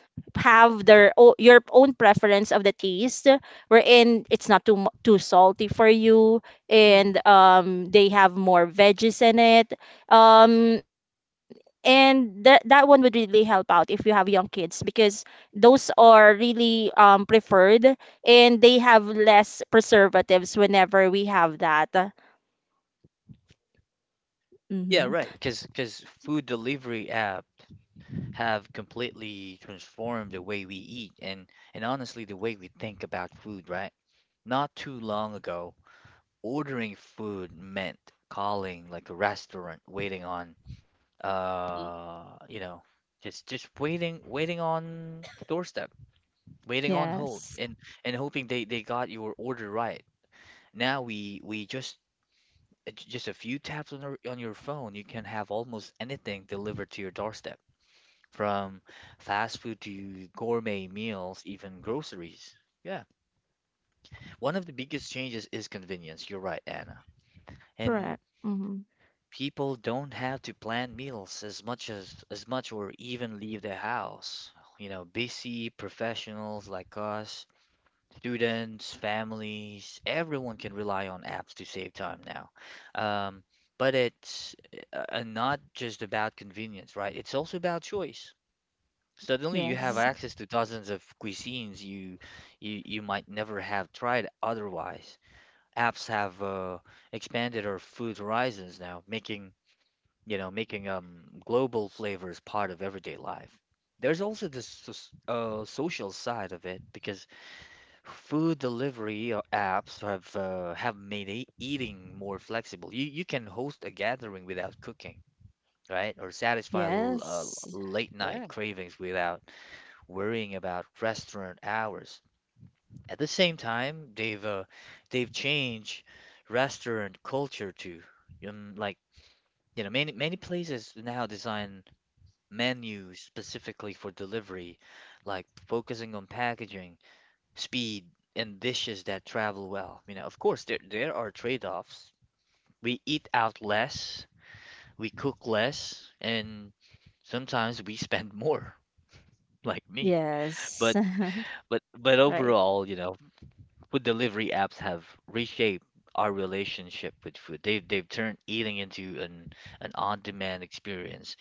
Speaker 2: have your own preference of the taste, wherein it's not too salty for you, and
Speaker 3: Mhm,
Speaker 2: they have more veggies in it, um and that one would really help out if you have young kids, because those are really preferred, and they have less preservatives whenever we have that.
Speaker 1: Yeah,
Speaker 2: Mm-hmm.
Speaker 1: right. Because food delivery apps have completely transformed the way we eat and honestly the way we think about food, right? Not too long ago, ordering food meant calling like a restaurant, waiting on
Speaker 3: mhm,
Speaker 1: uh, you know, just waiting on the doorstep, waiting on hold
Speaker 2: Yes.
Speaker 1: and hoping they got your order right. Now we just just a few taps on your phone, you can have almost anything delivered to your doorstep, from fast food to gourmet meals, even groceries. Yeah. One of the biggest changes is convenience. You're right, Anna. And
Speaker 2: Correct. Mm-hmm.
Speaker 1: people don't have to plan meals as much or even leave their house. You know, busy professionals like us. Students, families, everyone can rely on apps to save time now. Um, but it's not just about convenience, right? It's also about choice. Suddenly, you have
Speaker 2: Yes.
Speaker 3: mhm.
Speaker 1: access to dozens of cuisines you might never have tried otherwise. Apps have expanded our food horizons now, making global flavors part of everyday life. There's also this social side of it because food delivery apps have made eating more flexible. You can host a gathering without cooking, right? Or satisfy
Speaker 2: Yes.
Speaker 1: late night
Speaker 3: Yeah.
Speaker 1: cravings without worrying about restaurant hours. At the same time, they've changed restaurant culture too. Like many places now design menus specifically for delivery, like focusing on packaging speed, and dishes that travel well. You know, of course, there are trade-offs. We eat out less, we cook less, and sometimes we spend [laughs] more, like me.
Speaker 2: Yes.
Speaker 1: But but
Speaker 2: [laughs] Right.
Speaker 1: overall, food delivery apps have reshaped our relationship with food. They've turned eating into an on-demand experience,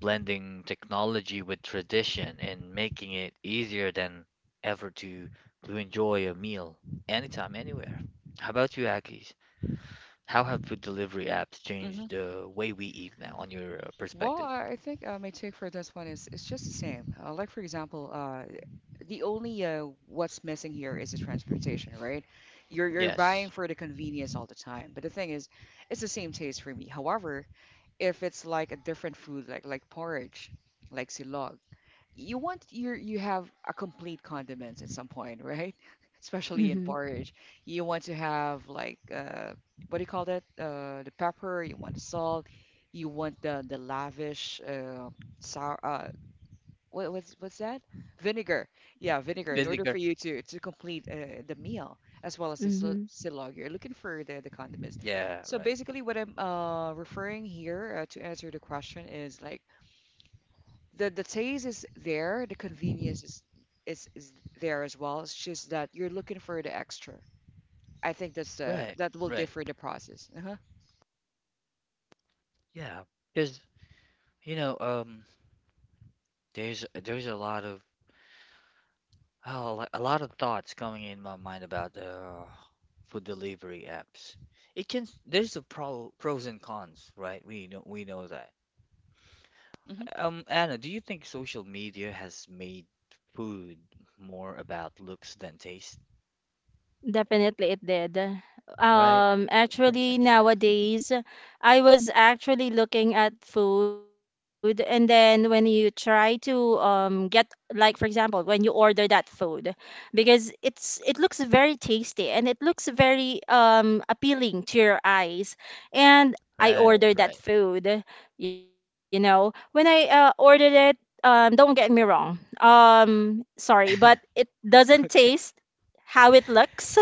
Speaker 1: blending technology with tradition and making it easier than ever to enjoy a meal anytime, anywhere. How about you, Akis? How have food delivery apps
Speaker 3: Mhm.
Speaker 1: changed the way we eat now, on your
Speaker 3: Well,
Speaker 1: perspective?
Speaker 3: I think my take for this one is it's just the same. Like for example, the only, what's missing here is the transportation, right? You're buying
Speaker 1: Yes.
Speaker 3: for the convenience all the time, but the thing is, it's the same taste for me. However, if it's like a different food, like porridge, like silog. You want your, you have a complete condiments at some point, right? [laughs] Especially in
Speaker 2: Mm-hmm.
Speaker 3: porridge, you want to have like, what do you call that, the pepper. You want the salt. You want the lavish sour. What's that? Vinegar. Yeah, vinegar. In order
Speaker 1: Vinegar.
Speaker 3: for you to complete the meal, as well as the
Speaker 2: Mm-hmm.
Speaker 3: silog, you're looking for the condiments.
Speaker 1: Yeah,
Speaker 3: So
Speaker 1: right.
Speaker 3: basically, what I'm referring here, to answer the question, is like the taste is there, the convenience is is there as well. It's just that you're looking for the extra. I think that's the
Speaker 1: Right,
Speaker 3: that will
Speaker 1: right.
Speaker 3: differ the process. Uh-huh.
Speaker 1: Yeah, because you know, um, there's a lot of... Oh, like a lot of thoughts coming in my mind about food delivery apps. It can... there's a pros and cons, right? We know that.
Speaker 3: Hmm.
Speaker 1: Anna, do you think social media has made food more about looks than taste,
Speaker 2: Definitely it did.
Speaker 1: right? Some-
Speaker 2: Actually nowadays, I was actually looking at food, and then when you try to get, like for example, when you order that food, because it looks very tasty and it looks very appealing to your eyes. And I
Speaker 1: right,
Speaker 2: ordered that
Speaker 1: right.
Speaker 2: food, you know. When I ordered it, don't get me wrong. Sorry, but
Speaker 1: [laughs]
Speaker 2: it doesn't
Speaker 1: Okay,
Speaker 2: taste how it looks.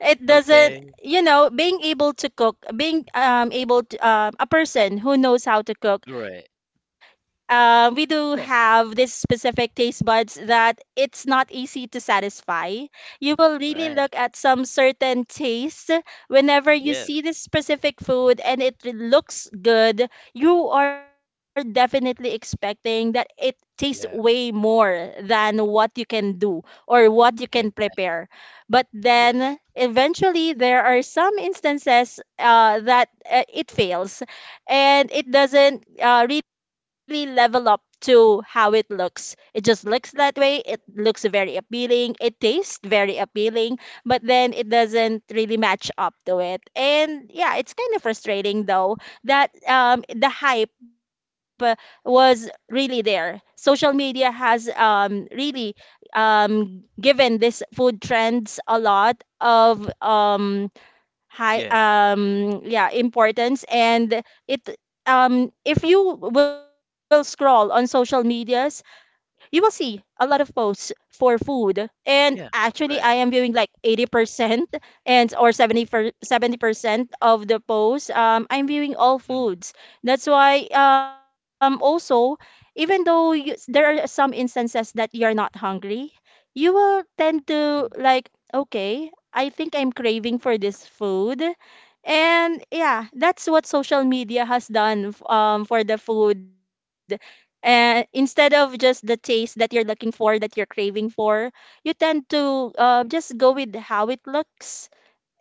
Speaker 2: It doesn't
Speaker 1: okay,
Speaker 2: you know being able to cook, being able to, a person who knows how to cook,
Speaker 1: right.
Speaker 2: we do have
Speaker 1: Yeah,
Speaker 2: this specific taste buds that it's not easy to satisfy. You will really look
Speaker 1: right.
Speaker 2: at some certain taste whenever you
Speaker 1: Yeah,
Speaker 2: see this specific food and it looks good. You are definitely expecting that it tastes way
Speaker 1: yeah.
Speaker 2: more than what you can do or what you can
Speaker 1: And
Speaker 2: prepare. But then
Speaker 1: yes,
Speaker 2: eventually there are some instances that it fails, and it doesn't really level up to how it looks. It just looks that way. It looks very appealing. It tastes very appealing, but then it doesn't really match up to it. And yeah, it's kind of frustrating though that the hype was really there. Social media has really given this food trends a lot of high,
Speaker 1: yeah,
Speaker 2: yeah, importance, and it, if you will scroll on social medias, you will see a lot of posts for food. And
Speaker 1: yeah.
Speaker 2: actually I
Speaker 1: Right.
Speaker 2: am viewing like 80%, and or 70% of the posts, I'm viewing all
Speaker 1: Mm,
Speaker 2: foods. That's why, also, even though you, there are some instances that you're not hungry, you will tend to
Speaker 1: mm.
Speaker 2: like, okay, I think I'm craving for this food. And yeah, that's what social media has done for the food, instead of just the taste that you're looking for, that you're craving for. You tend to just go with how it looks,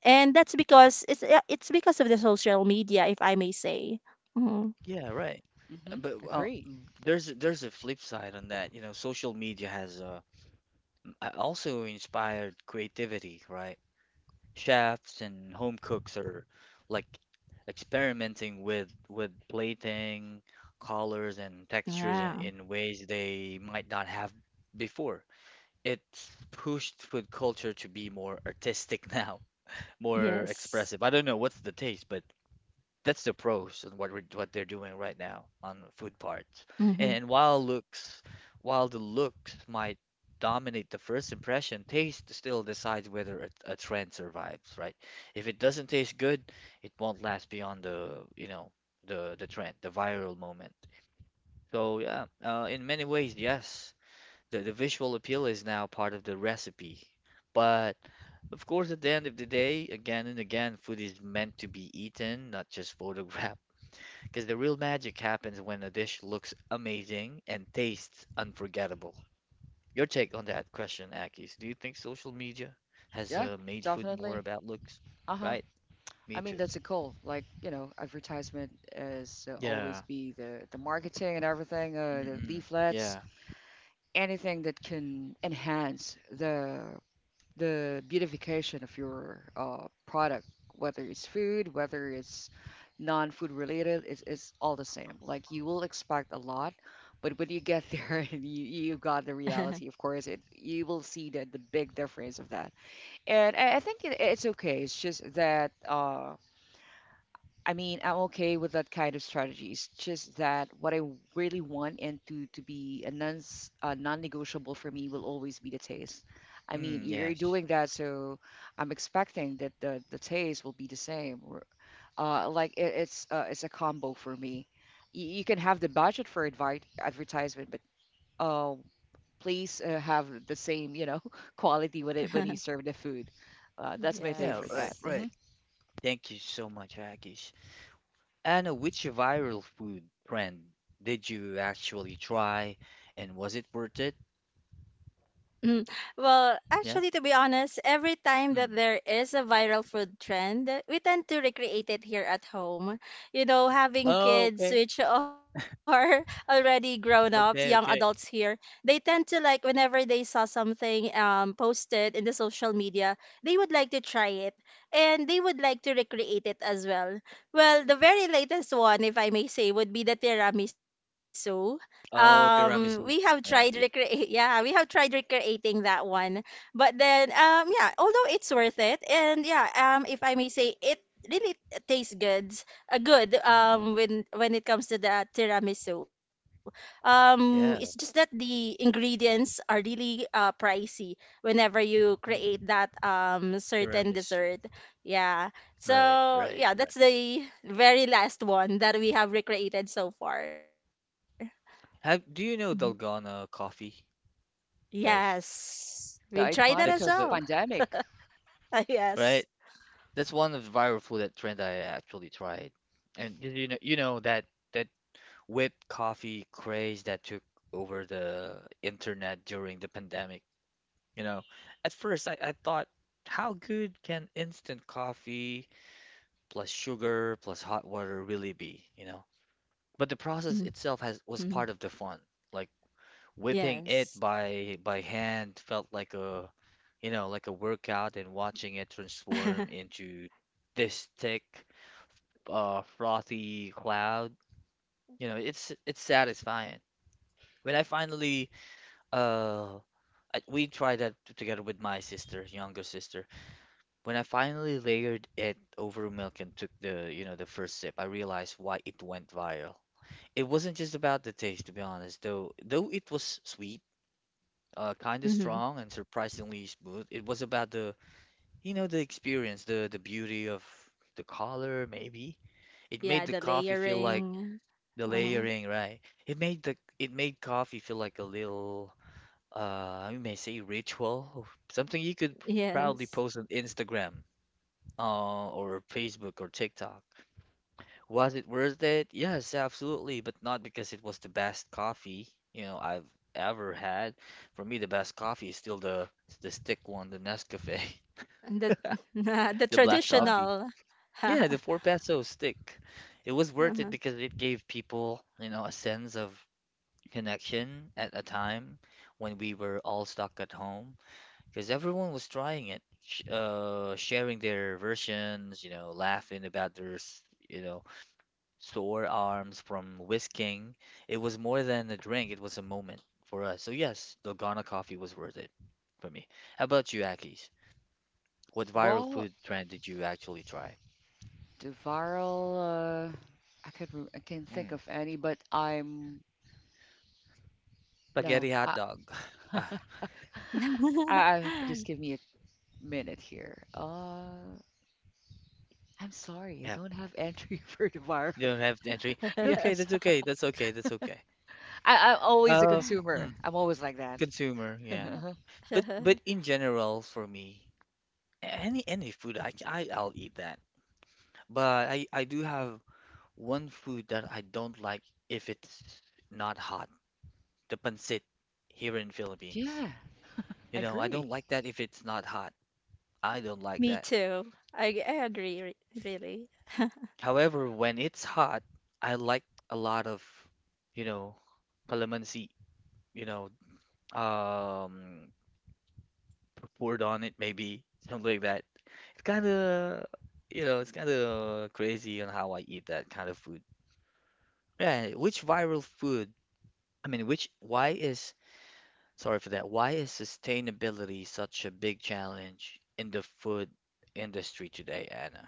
Speaker 2: and that's because it's because of the social media, if I may say. Hmm.
Speaker 1: Yeah, right. Uh,
Speaker 3: Hmm.
Speaker 1: But uh,
Speaker 3: Agree.
Speaker 1: m- there's a- there's a flip side on that. You know, social media has also inspired creativity, right? Chefs and home cooks are like experimenting with plating, colors, and
Speaker 2: Yeah.
Speaker 1: textures in ways they might not have before. It's pushed food culture to be more artistic [laughs] now, more
Speaker 2: Yes.
Speaker 1: expressive. I don't know what's the taste, but that's the pros and what they're doing right now on food
Speaker 2: Hmm.
Speaker 1: parts. And while the looks might dominate the first impression, taste still decides whether a trend survives, right? If it doesn't taste good, it won't last beyond the, you know, the trend, the viral moment. So yeah, in many ways, yes, the visual appeal is now part of the recipe, but of course, at the end of the day, again and again, food is meant to be eaten, not just [laughs] photographed. Because the real magic happens when a dish looks amazing and tastes unforgettable. Your take on that question, Akis. Do you think social media has
Speaker 3: Yeah,
Speaker 1: made food more
Speaker 3: definitely.
Speaker 1: about looks?
Speaker 3: Uh-huh.
Speaker 1: Right? Me
Speaker 3: I mean,
Speaker 1: too.
Speaker 3: that's a goal. Like, you know, advertisement is always
Speaker 1: Yeah.
Speaker 3: be the marketing and everything, the
Speaker 1: Mm-mm.
Speaker 3: leaflets,
Speaker 1: Yeah.
Speaker 3: anything that can enhance the beautification of your product, whether it's food, whether it's non-food related, it's all the same. Like you will expect a lot, but when you get there [laughs] and you, you've got the
Speaker 2: [laughs]
Speaker 3: reality, of course, it you will see the big difference of that. And I think it's okay. It's just that, I mean, I'm okay with that kind of strategy. It's just that what I really want, and to be a non-negotiable for me will always be the taste. I mean,
Speaker 1: Mm,
Speaker 3: you're
Speaker 1: yes.
Speaker 3: doing that, so I'm expecting that the taste will be the same. It's a combo for me. You can have the budget for advi advertisement, but uh, please have the same, [laughs] quality when you serve the food. That's my take
Speaker 1: Yeah,
Speaker 3: for
Speaker 1: right,
Speaker 3: that.
Speaker 2: Yes.
Speaker 1: right. Thank you so much, Akis. Anna, which viral food trend did you actually try, and was it worth it?
Speaker 2: Mm. Well, actually, to
Speaker 1: Yeah.
Speaker 2: be honest, every time that
Speaker 1: Mm.
Speaker 2: there is a viral food trend, we tend to recreate it here at home. You know, having
Speaker 1: Oh,
Speaker 2: kids
Speaker 1: okay.
Speaker 2: which are [laughs] already grown-ups, young adults
Speaker 1: Okay, okay.
Speaker 2: here, they tend to like whenever they saw something posted in the social media, they would like to try it, and they would like to recreate it as well. Well, the very latest one, if I may say, would be the tiramisu.
Speaker 1: Oh,
Speaker 2: We have
Speaker 1: tiramisu.
Speaker 2: tried
Speaker 1: Yeah,
Speaker 2: recreate, [laughs]
Speaker 1: yeah.
Speaker 2: yeah, we have tried recreating that one. But then, yeah, although it's worth it, and yeah, if I may say, it really tastes good, good,
Speaker 1: Mm-mm.
Speaker 2: when it comes to the tiramisu, it's just that
Speaker 1: Yeah.
Speaker 2: the ingredients are really pricey whenever you create
Speaker 1: Mm-mm.
Speaker 2: that certain
Speaker 1: Tiramisu.
Speaker 2: dessert. Yeah,
Speaker 1: Right,
Speaker 2: so
Speaker 1: right,
Speaker 2: yeah,
Speaker 1: right.
Speaker 2: that's the very last one that we have recreated so far. Mm-hmm.
Speaker 1: Have... do you know Dalgona coffee, guys?
Speaker 2: Yes. We've
Speaker 3: The
Speaker 2: tried that as
Speaker 3: iconic
Speaker 1: That's
Speaker 3: of
Speaker 2: well.
Speaker 1: the...
Speaker 3: pandemic.
Speaker 2: [laughs] Yes.
Speaker 1: right. That's one of the viral food that trend I actually tried. And you know that that whipped coffee craze that took over the internet during the pandemic. You know, at first I thought, how good can instant coffee plus sugar plus hot water really be? You know, but the process
Speaker 2: Mm-hmm.
Speaker 1: itself has was part of the fun. Like, whipping
Speaker 2: Yes.
Speaker 1: it by hand felt like you know, like a workout, and watching it transform
Speaker 2: [laughs]
Speaker 1: into this thick, frothy cloud, you know, it's satisfying. When I finally uh we tried that together with my sister, younger sister. When I finally layered it over milk and took the, you know, the first sip, I realized why it went viral. It wasn't just about the taste, to be honest, though it was sweet, kind of
Speaker 2: Mm-hmm.
Speaker 1: strong and surprisingly smooth. It was about the, you know, the experience, the beauty of the color, maybe. It
Speaker 2: Yeah,
Speaker 1: made the
Speaker 2: the
Speaker 1: coffee feel like
Speaker 2: layering.
Speaker 1: the
Speaker 2: Uh-huh.
Speaker 1: layering, right? It made the... it made coffee feel like a little, you may say, ritual, something you could proudly
Speaker 2: Yes.
Speaker 1: post on Instagram, or Facebook or TikTok. Was it worth it? Yes, absolutely, but not because it was the best coffee, you know, I've ever had. For me, the best coffee is still the stick one, the Nescafe, [laughs]
Speaker 2: And the [laughs] the
Speaker 1: the black
Speaker 3: uh
Speaker 1: coffee.
Speaker 2: traditional. [laughs] Uh-huh.
Speaker 1: Yeah, the 4 peso stick. It was worth it because it gave people, you know, a sense of connection at a time when we were all stuck at home, because everyone was trying it, sh sharing their versions, you know, laughing about you know, sore arms from whisking. It was more than a drink, it was a moment for us. So yes, the Ghana coffee was worth it for me. How about you, Akis? What viral
Speaker 3: Well,
Speaker 1: food trend did you actually try?
Speaker 3: Devarl, I could I can't think
Speaker 1: Mm,
Speaker 3: of any, but I'm no.
Speaker 1: spaghetti hot
Speaker 3: I,
Speaker 1: dog. [laughs] [sighs] Ah,
Speaker 3: [laughs]
Speaker 2: [laughs]
Speaker 3: just give me a minute here. I'm sorry, I
Speaker 1: yeah.
Speaker 3: don't have entry [laughs] for Devarl.
Speaker 1: You don't
Speaker 3: [laughs]
Speaker 1: have the entry. It's okay,
Speaker 3: Yes,
Speaker 1: that's okay, that's okay, that's okay.
Speaker 3: I'm always a
Speaker 1: Uh,
Speaker 3: consumer.
Speaker 1: mm,
Speaker 3: I'm always like that. [laughs]
Speaker 1: consumer, yeah.
Speaker 2: [laughs]
Speaker 1: But in general for me, any food I, I'll eat that. But I do have one food that I don't like if it's not hot, the pancit here in Philippines.
Speaker 3: Yeah, I
Speaker 1: You know, I
Speaker 3: agree.
Speaker 1: don't like that if it's not hot. I don't like
Speaker 2: Me
Speaker 1: that.
Speaker 2: too. I agree, really.
Speaker 1: However, when it's hot, I like a lot of, you know, calamansi, you know, um, poured on it maybe, something like that. It's kind of, you know, it's kind of crazy on how I eat that kind of food. Yeah, which viral food? I mean, which, why is... sorry for that. Why is sustainability such a big challenge in the food industry today, Anna?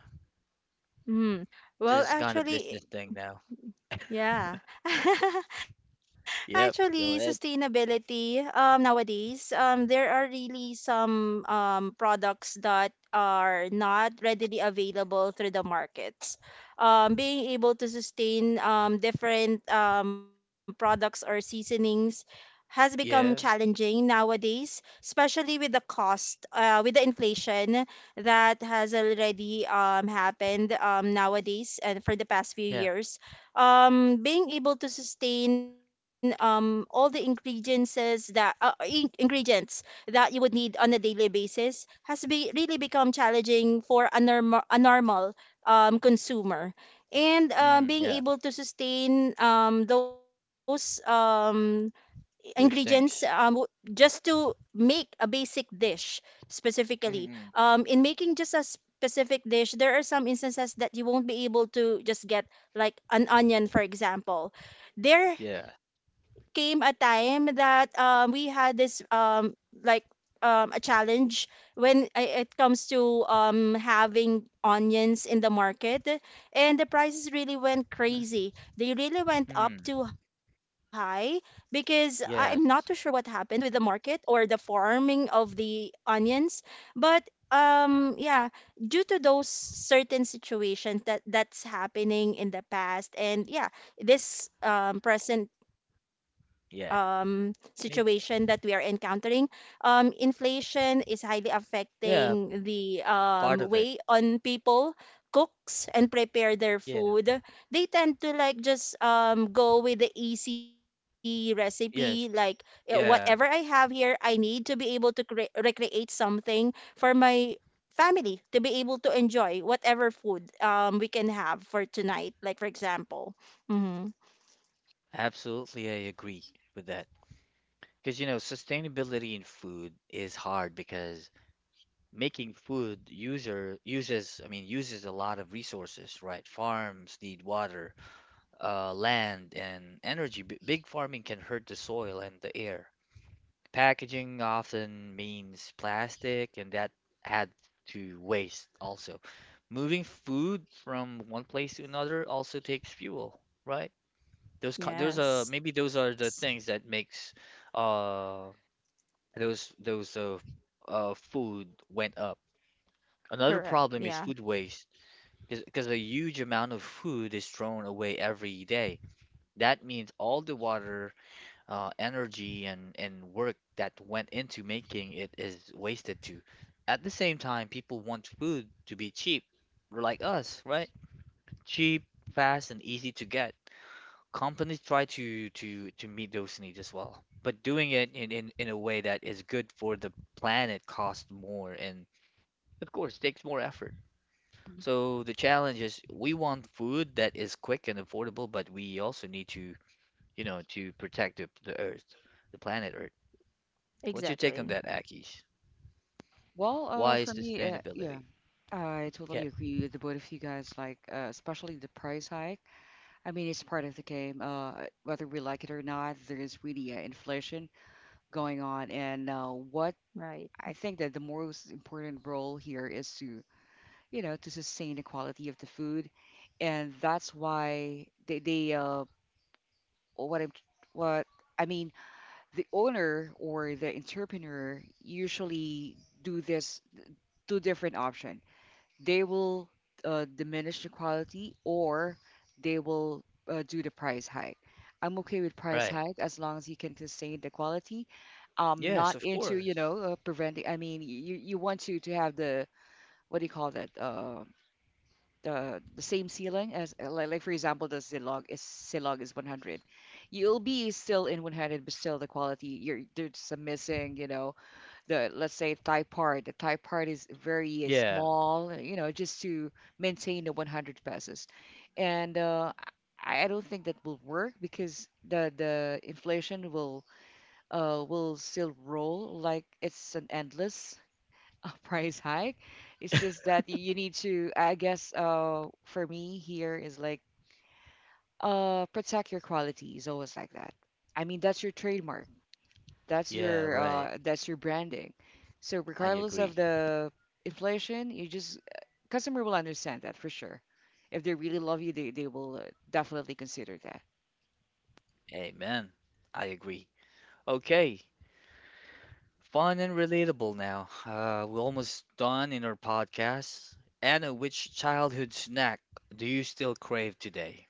Speaker 2: Mm. Well,
Speaker 1: This is kind of
Speaker 2: actually.
Speaker 1: business thing now. [laughs]
Speaker 2: Yeah. [laughs] Actually,
Speaker 1: Yep. Go ahead.
Speaker 2: sustainability nowadays, there are really some products that are not readily available through the markets. Being able to sustain different products or seasonings has become
Speaker 1: Yeah.
Speaker 2: challenging nowadays, especially with the cost, with the inflation that has already happened nowadays and for the past few
Speaker 1: Yeah.
Speaker 2: years. Being able to sustain all the ingredients that ingredients that you would need on a daily basis has really become challenging for a normal consumer. And
Speaker 1: Hmm.
Speaker 2: being
Speaker 1: Yeah.
Speaker 2: able to sustain those ingredients,
Speaker 1: Those things.
Speaker 2: just to make a basic dish specifically.
Speaker 1: Mm-mm.
Speaker 2: In making just a specific dish, there are some instances that you won't be able to just get, like an onion, for example. There
Speaker 1: Yeah.
Speaker 2: came a time that we had this, like, a challenge when it comes to having onions in the market, and the prices really went crazy, they really went
Speaker 1: Hmm.
Speaker 2: up too high, because I'm not too sure what
Speaker 1: Yeah.
Speaker 2: happened with the market or the farming of the onions. But yeah, due to those certain situations that that's happening in the past, and yeah, this present
Speaker 1: Yeah.
Speaker 2: situation that we are
Speaker 1: Maybe.
Speaker 2: encountering, inflation is highly
Speaker 1: Yeah.
Speaker 2: affecting the
Speaker 1: Part of
Speaker 2: way
Speaker 1: it.
Speaker 2: on people cooks and prepare their
Speaker 1: Yeah.
Speaker 2: food. They tend to like just go with the easy recipe, like,
Speaker 1: Yes.
Speaker 2: whatever I
Speaker 1: Yeah.
Speaker 2: have here, I need to be able to recreate something for my family to be able to enjoy, whatever food we can have for tonight, like for example. Mm-hmm.
Speaker 1: Absolutely. I agree with that. Because, you know, sustainability in food is hard because making food user uses I mean uses a lot of resources, right? Farms need water, land and energy. Big farming can hurt the soil and the air. Packaging often means plastic, and that adds to waste also. Moving food from one place to another also takes fuel, right? Those are
Speaker 2: Yes.
Speaker 1: maybe... those are the things that makes uh those food went up. Another
Speaker 2: Correct.
Speaker 1: problem is
Speaker 2: Yeah.
Speaker 1: food waste, because a huge amount of food is thrown away every day. That means all the water, energy, and work that went into making it is wasted too. At the same time, people want food to be cheap, like us, right? Cheap, fast, and easy to get. Companies try to meet those needs as well, but doing it in a way that is good for the planet costs more and, of course, takes more effort. So the challenge is we want food that is quick and affordable, but we also need to, you know, to protect the Earth, the planet Earth. What's your
Speaker 2: Exactly.
Speaker 1: take on that, Akis?
Speaker 3: Well,
Speaker 1: Why is
Speaker 3: for me, yeah,
Speaker 1: sustainability?
Speaker 3: I
Speaker 1: Yeah,
Speaker 3: totally agree with the both of you guys. Like, especially the price hike. I mean, it's part of the game. Whether we like it or not, there is really inflation going on. And what
Speaker 2: Right.
Speaker 3: I think that the most important role here is to, you know, to sustain the quality of the food. And that's why they what I'm, what I mean, the owner or the entrepreneur usually do this two different option. They will diminish the quality, or they will do the price hike. I'm okay with price
Speaker 1: right.
Speaker 3: hike as long as you can sustain the quality.
Speaker 1: Yes,
Speaker 3: Not
Speaker 1: of
Speaker 3: into, you
Speaker 1: course.
Speaker 3: know, preventing. I mean, you want to have the, what do you call that, the same ceiling as, like, for example, the zilog. Is zilog is 100. You'll be still in 100, but still the quality, you're, there's some missing, you know, the, let's say, Thai part is very
Speaker 1: Yeah,
Speaker 3: small, you know, just to maintain the 100 pesos. And I don't think that will work because the inflation will, will still roll. Like, it's an endless [laughs] price hike. It's just that you need to, I guess, for me here is like, protect your quality is always like that. I mean, that's your trademark. That's
Speaker 1: yeah,
Speaker 3: your,
Speaker 1: right.
Speaker 3: branding. So
Speaker 1: I
Speaker 3: regardless of
Speaker 1: agree.
Speaker 3: the inflation, you just, customer will understand that for sure. If they really love you, they will, definitely consider that.
Speaker 1: Amen. I agree. Okay, fun and relatable now. We're almost done in our podcast. Anna, which childhood snack do you still crave today?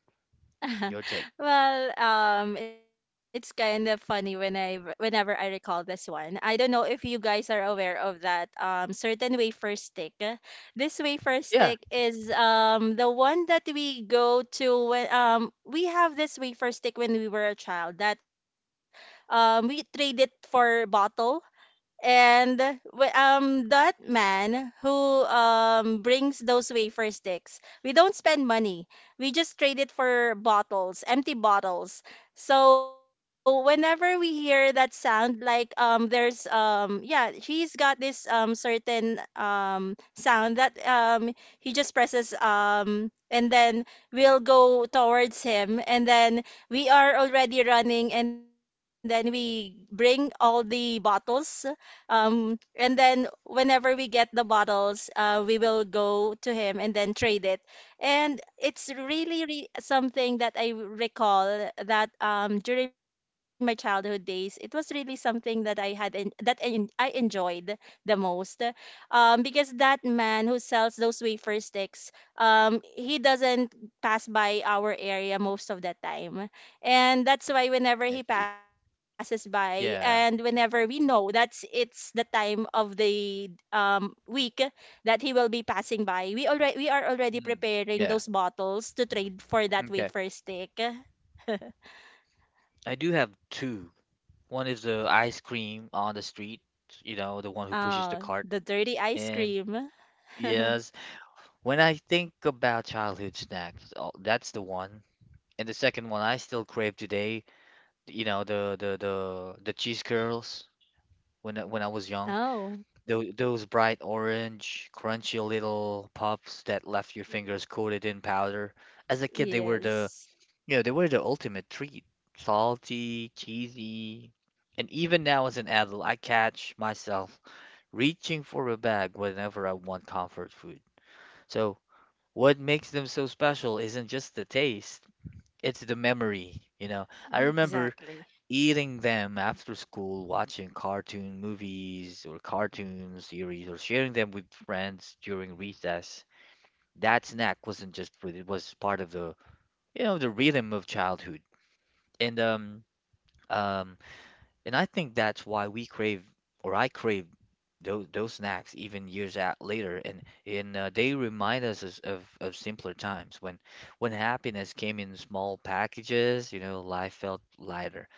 Speaker 2: [laughs]
Speaker 1: Your take.
Speaker 2: Well, it's kind of funny when whenever I recall this one. I don't know if you guys are aware of that certain wafer stick. This wafer
Speaker 1: Yeah.
Speaker 2: stick is the one that we go to when, we have this wafer stick when we were a child, that we trade it for bottle. And that man who brings those wafer sticks, we don't spend money. We just trade it for bottles, empty bottles. So whenever we hear that sound, like, there's, yeah, he has got this certain sound that he just presses, and then we'll go towards him, and then we are already running, and then we bring all the bottles, and then whenever we get the bottles, we will go to him and then trade it. And it's something that I recall, that during my childhood days, it was really something that I had in, that I enjoyed the most. Because that man who sells those wafer sticks, he doesn't pass by our area most of the time. And that's why whenever he
Speaker 1: Yes,
Speaker 2: passes by, and whenever
Speaker 1: yeah.
Speaker 2: we know that's it's the time of the week that he will be passing by, we are already
Speaker 1: Mm.
Speaker 2: preparing
Speaker 1: Yeah.
Speaker 2: those bottles to trade for that
Speaker 1: Okay.
Speaker 2: wafer stick. [laughs]
Speaker 1: I do have two. One is the ice cream on the street, you know, the one who pushes
Speaker 2: Oh,
Speaker 1: the cart.
Speaker 2: the dirty ice
Speaker 1: And
Speaker 2: cream. [laughs]
Speaker 1: yes, when I think about childhood snacks, oh, that's the one. And the second one I still crave today, you know, the cheese curls when I was young.
Speaker 2: Oh,
Speaker 1: Those bright orange, crunchy little puffs that left your fingers coated in powder. As a kid, they were the...
Speaker 2: yes.
Speaker 1: you know, they were the ultimate treat. Salty, cheesy. And even now as an adult, I catch myself [laughs] reaching for a bag whenever I want comfort food. So, what makes them so special isn't just the taste, it's the memory, you know. I
Speaker 2: Yeah,
Speaker 1: remember
Speaker 2: exactly.
Speaker 1: eating them after school, watching cartoon movies or cartoon series, or sharing them with friends during recess. That snack wasn't just food, it was part of the, you know, the rhythm of childhood. And um Um, and I think that's why we crave, or I crave, those snacks even years at later, and they remind us of simpler times when happiness came in small packages. You know, life felt lighter.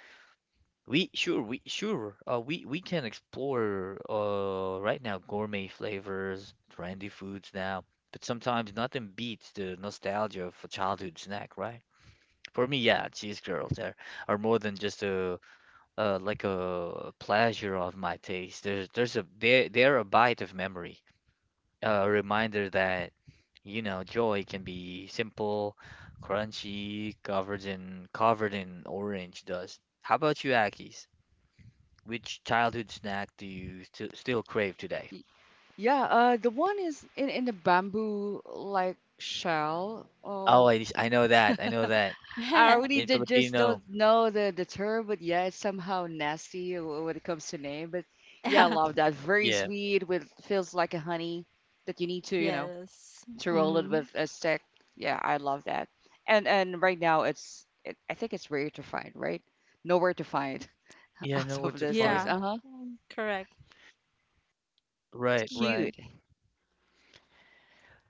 Speaker 1: We sure we can explore right now gourmet flavors, trendy foods now, but sometimes nothing beats the nostalgia of a childhood snack, right? For me, yeah, cheese curls are more than just a like a pleasure of my taste. There's a there there a bite of memory, a reminder that, you know, joy can be simple, crunchy, covered in orange dust. How about you, Akis? Which childhood snack do you st still crave today?
Speaker 3: Yeah, the one is in the bamboo like shell.
Speaker 1: Oh,
Speaker 3: Oh,
Speaker 1: I know that. I know that.
Speaker 3: [laughs] I really
Speaker 1: In
Speaker 2: [laughs]
Speaker 3: did just
Speaker 1: Filipino,
Speaker 3: don't know the term, but yeah, it's somehow nasty when it comes to name. But
Speaker 2: Yeah.
Speaker 3: yeah, I love that. Very
Speaker 1: yeah,
Speaker 3: sweet, with feels like a honey that you need to, you know,
Speaker 2: Yes.
Speaker 3: to roll it with
Speaker 2: Hmm.
Speaker 3: a stick. Yeah, I love that. And right now I think it's rare to find, right? Nowhere to find [laughs]
Speaker 1: yeah, I
Speaker 3: as
Speaker 1: know where
Speaker 3: of
Speaker 2: Yeah.
Speaker 1: to
Speaker 3: these days.
Speaker 1: find.
Speaker 3: Uh-huh.
Speaker 2: Mm, correct.
Speaker 3: It's
Speaker 1: Right, right.
Speaker 2: Hmm.
Speaker 3: cute. [laughs]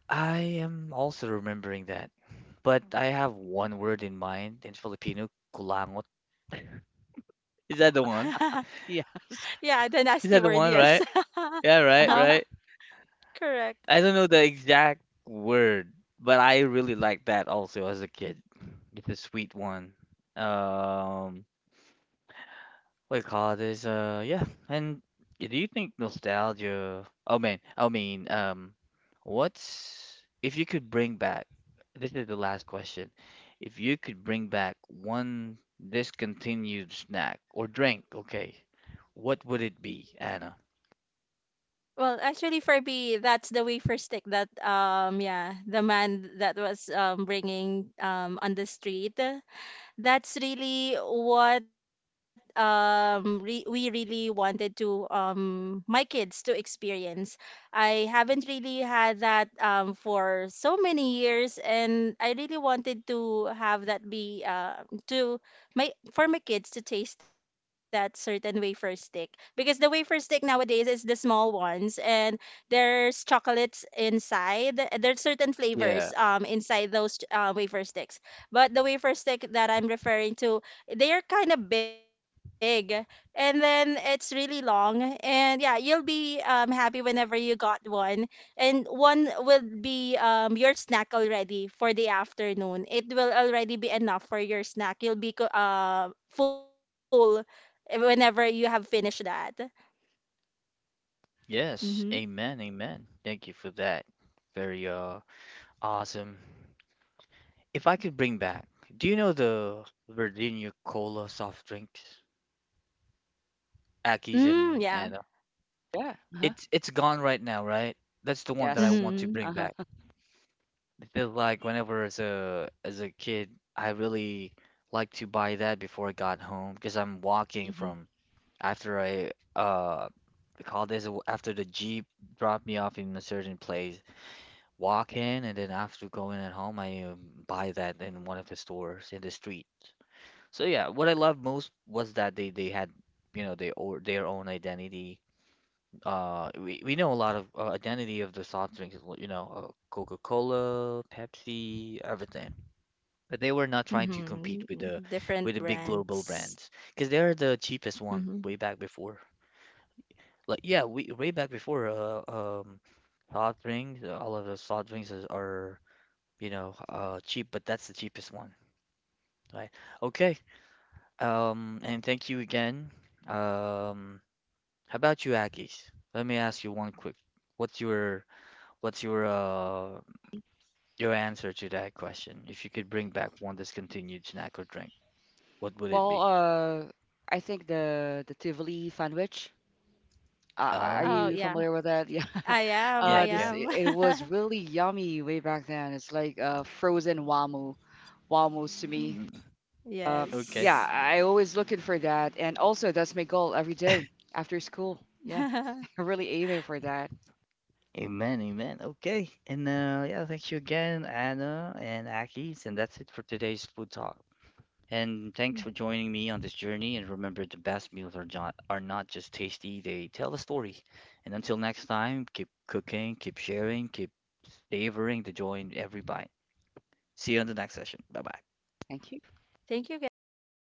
Speaker 1: I am also remembering that, but I have one word in mind in Filipino, kulangot. Is that the
Speaker 2: [laughs]
Speaker 1: one?
Speaker 2: Yeah, the
Speaker 3: Yes.
Speaker 2: nasty word,
Speaker 1: Is that the
Speaker 2: yes.
Speaker 1: one,
Speaker 2: [laughs]
Speaker 1: right? Yeah, right,
Speaker 3: Uh-huh.
Speaker 1: right.
Speaker 2: Correct.
Speaker 1: I don't know the exact word, but I really liked that also as a kid. It's a sweet one. Um, what you call this? Yeah. And do you think nostalgia? Oh man, I mean, what's... if you could bring back? This is the last question. If you could bring back one discontinued snack or drink, okay, what would it be, Anna?
Speaker 2: Well, actually for me, that's the wafer stick, that, yeah, the man that was bringing, on the street. That's really what, we really wanted to, my kids to experience. I haven't really had that for so many years, and I really wanted to have that be to, my for my kids to taste that certain wafer stick, because the wafer stick nowadays is the small ones, and there's chocolates inside. There's certain flavors
Speaker 1: Yeah.
Speaker 2: inside those wafer sticks. But the wafer stick that I'm referring to, they are kind of big, and then it's really long. And yeah, you'll be happy whenever you got one. And one will be your snack already for the afternoon. It will already be enough for your snack. You'll be full whenever you have finished that.
Speaker 1: Yes,
Speaker 2: Mm-hmm.
Speaker 1: amen, amen. Thank you for that. Very awesome. If I could bring back, do you know the Virginia Cola soft drinks?
Speaker 2: Mm,
Speaker 1: Aki's
Speaker 2: yeah.
Speaker 1: and
Speaker 3: Yeah. Uh-huh.
Speaker 1: it's gone right now, right? That's the one that I
Speaker 3: Yes.
Speaker 1: want to
Speaker 2: Mm-hmm.
Speaker 1: bring
Speaker 3: Uh-huh.
Speaker 1: back. I feel like whenever as a kid, I really like to buy that before I got home, because I'm walking
Speaker 3: Hmm.
Speaker 1: from... after I we call this after the Jeep dropped me off in a certain place, walk in, and then after going at home, I buy that in one of the stores in the street. So yeah, what I loved most was that they had, you know, they or their own identity. We know a lot of identity of the soft drinks, you know, Coca-Cola, Pepsi, everything. But they were not trying to compete with the
Speaker 2: Mm-hmm. Different
Speaker 1: big global
Speaker 2: brands.
Speaker 1: brands, because they're the
Speaker 2: Mm-hmm.
Speaker 1: cheapest one way back before. Like yeah, we way back before soft drinks, all of the soft drinks are, you know, cheap, but that's the cheapest one, right? Okay. And thank you again. Um, how about you, Akis? Let me ask you one quick. What's your What's your answer to that question? If you could bring back one discontinued snack or drink, what would it
Speaker 3: Well,
Speaker 1: be?
Speaker 3: I think the Tivoli sandwich.
Speaker 2: Oh,
Speaker 3: Are
Speaker 2: yeah.
Speaker 1: Oh,
Speaker 3: you familiar with that? [laughs] Yeah.
Speaker 2: I am, I
Speaker 1: yeah, yeah.
Speaker 3: This,
Speaker 2: am.
Speaker 3: it was really yummy way back then. It's like frozen wamu, wamus to me.
Speaker 1: Mm,
Speaker 3: Um,
Speaker 1: okay.
Speaker 3: yeah,
Speaker 2: [laughs] Yes.
Speaker 3: I always looking for that, and also that's my goal every day after school. Yeah,
Speaker 2: [laughs]
Speaker 3: [laughs] really aiming for that.
Speaker 1: Amen, amen. Okay. And yeah, thank you again, Anna and Akis, and that's it for today's food talk. And thanks for joining me on this journey. And remember, the best meals are not just tasty, they tell a story. And until next time, keep cooking, keep sharing, keep savoring the joy in every bite. See you on the next session. Bye bye.
Speaker 3: Thank you.
Speaker 2: Thank you, guys.